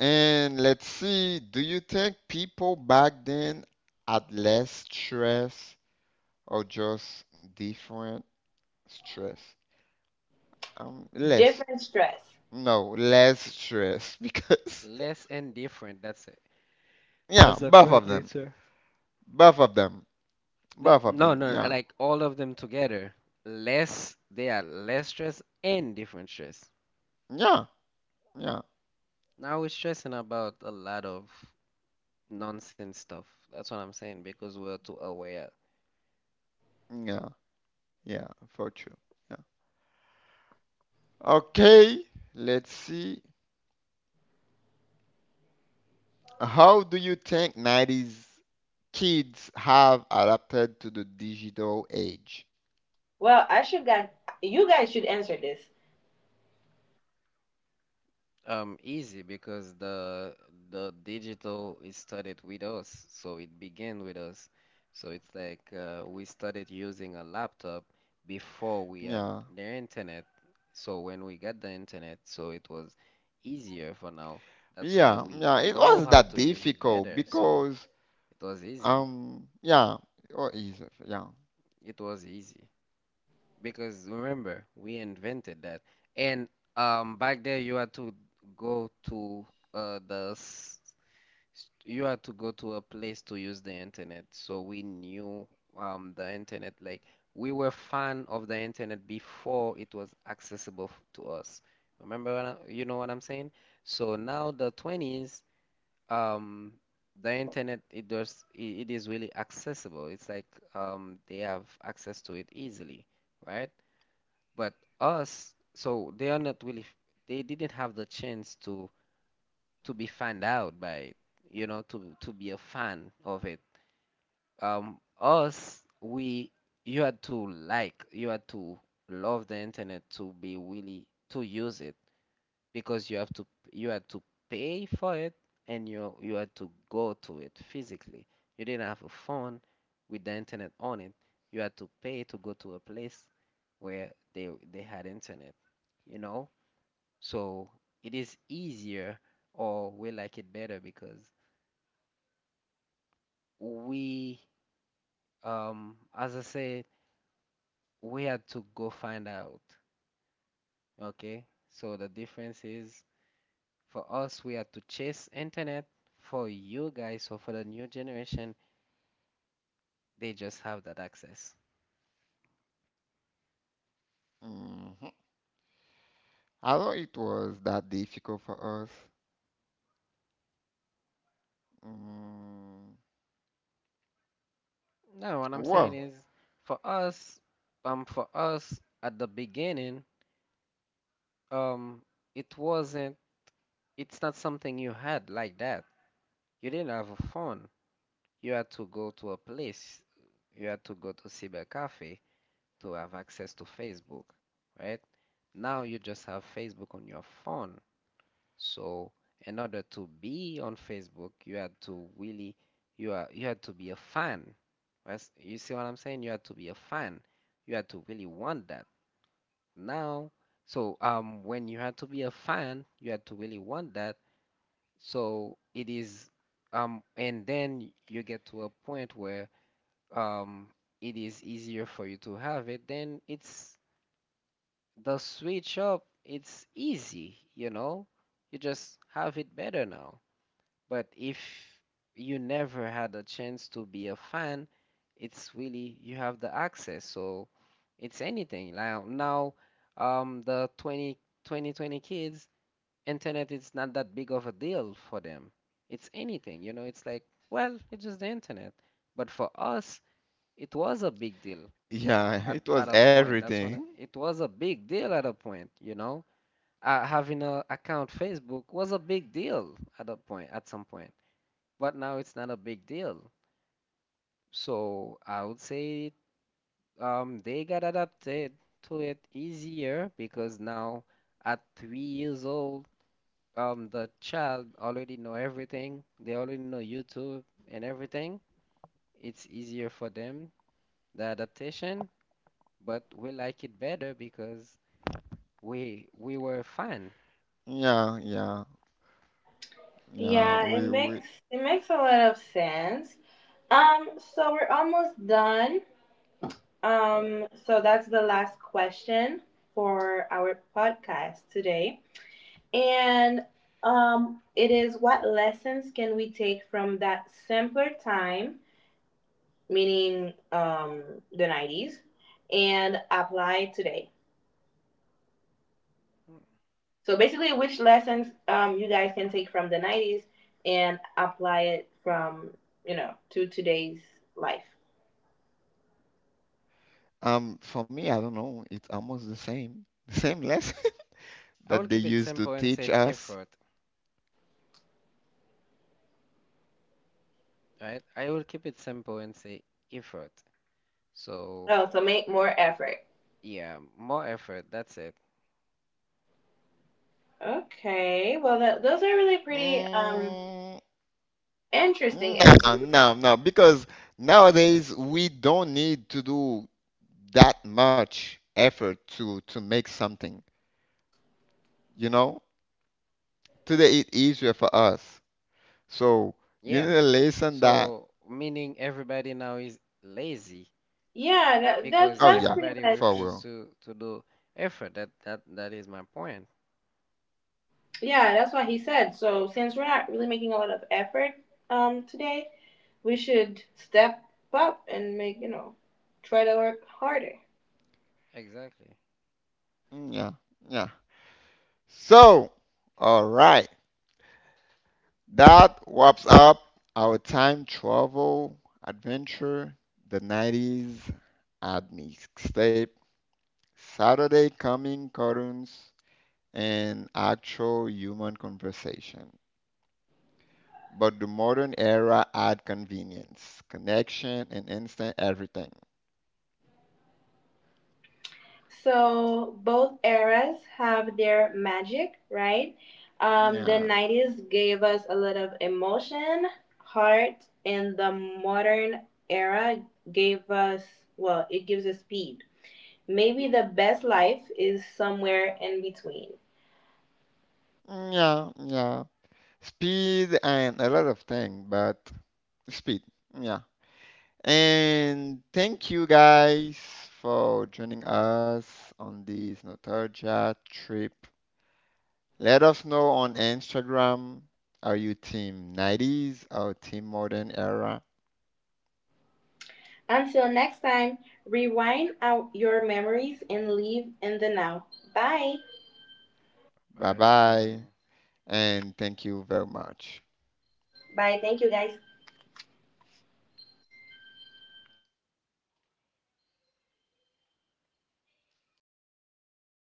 And let's see, do you think people back then had less stress or just different stress? Um, less. No, less stress because Less and different, that's it. yeah, That's the both of correct them, answer. both of them, They, both of no, them. no, Yeah, like all of them together. Less, they are less stress and different stress. yeah, yeah, Now we're stressing about a lot of nonsense stuff. That's what I'm saying because we're too aware. yeah, yeah, for sure. Yeah. Okay, let's see. How do you think nineties kids have adapted to the digital age? Um, easy because the the digital is started with us, so it began with us. So it's like uh, we started using a laptop before we had Yeah, the internet. So when we got the internet, so it was easier for now. That's why yeah, we yeah. It know wasn't how that to use it difficult better. So because it was easy. um, yeah, or easy. Yeah. It was easy. Because remember, we invented that. And um, back there, you had to go to uh, the s- s- you had to go to a place to use the internet. So we knew um, the internet. Like we were fan of the internet before it was accessible f- to us. Remember what I, you know what I'm saying? So now the twenties, um, the internet it does it, it is really accessible. It's like um, they have access to it easily, right? But us, so they are not really, they didn't have the chance to to be found out by it, you know, to to be a fan of it. Um, us, we, you had to like, you had to love the internet to be really to use it because you have to you had to pay for it and you you had to go to it physically. You didn't have a phone with the internet on it. You had to pay to go to a place where they they had internet, you know? So it is easier or we like it better because we um as I said, we had to go find out, okay? So the difference is for us, we had to chase internet. For you guys or for the new generation, they just have that access. hmm I thought it was that difficult for us. Mm, Now, what I'm well, saying is, for us, um, for us at the beginning, um, it wasn't. It's not something you had like that. You didn't have a phone. You had to go to a place. You had to go to cyber cafe to have access to Facebook, right? Now you just have Facebook on your phone. So in order to be on Facebook, you had to really you are you had to be a fan. That's- You see what I'm saying? You had to be a fan. You had to really want that. Now, so um when you had to be a fan, you had to really want that. So it is um and then you get to a point where um it is easier for you to have it, then it's the switch up, it's easy, you know? You just have it better now. But if you never had a chance to be a fan, it's really you have the access. So it's anything. Now, now um, the twenty, twenty twenty kids, internet is not that big of a deal for them. It's anything, you know, it's like, well, it's just the internet. But for us, it was a big deal yeah, at, it at was a point. That's when everything. I- it was a big deal at a point, you know. Uh, having a account Facebook was a big deal at a point, at some point but now it's not a big deal. So I would say um, they got adapted to it easier because now at three years old, um, the child already know everything. They already know YouTube and everything. It's easier for them, the adaptation, but we like it better because we we were fun. Yeah, yeah, yeah. We, we, Oh. mm. um, for me, I don't know. It's almost the same, the same lesson I that will they keep it used to simple and teach say us. effort, right? I will keep it simple and say effort. So yeah, more effort, that's it. Mm, no, no, no, because nowadays we don't need to do that much effort to to make something. You know, today it's easier for us. So you Yeah. need a lesson that, So, meaning everybody now is lazy oh because yeah, everybody for refuses real. to to do effort. That that that is my point. Exactly. Mm, yeah, yeah. So, all right, that wraps up our time travel adventure, the nineties at Mixtape, Saturday coming cartoons, and actual human conversation. But the modern era add convenience, connection, and instant everything. Yeah, yeah, yeah. Speed and a lot of things, but speed. Yeah. And thank you guys for joining us on this nostalgia trip. Let us know on Instagram. Are you team nineties or team modern era? Bye Bye, bye. everyone. And thank you very much.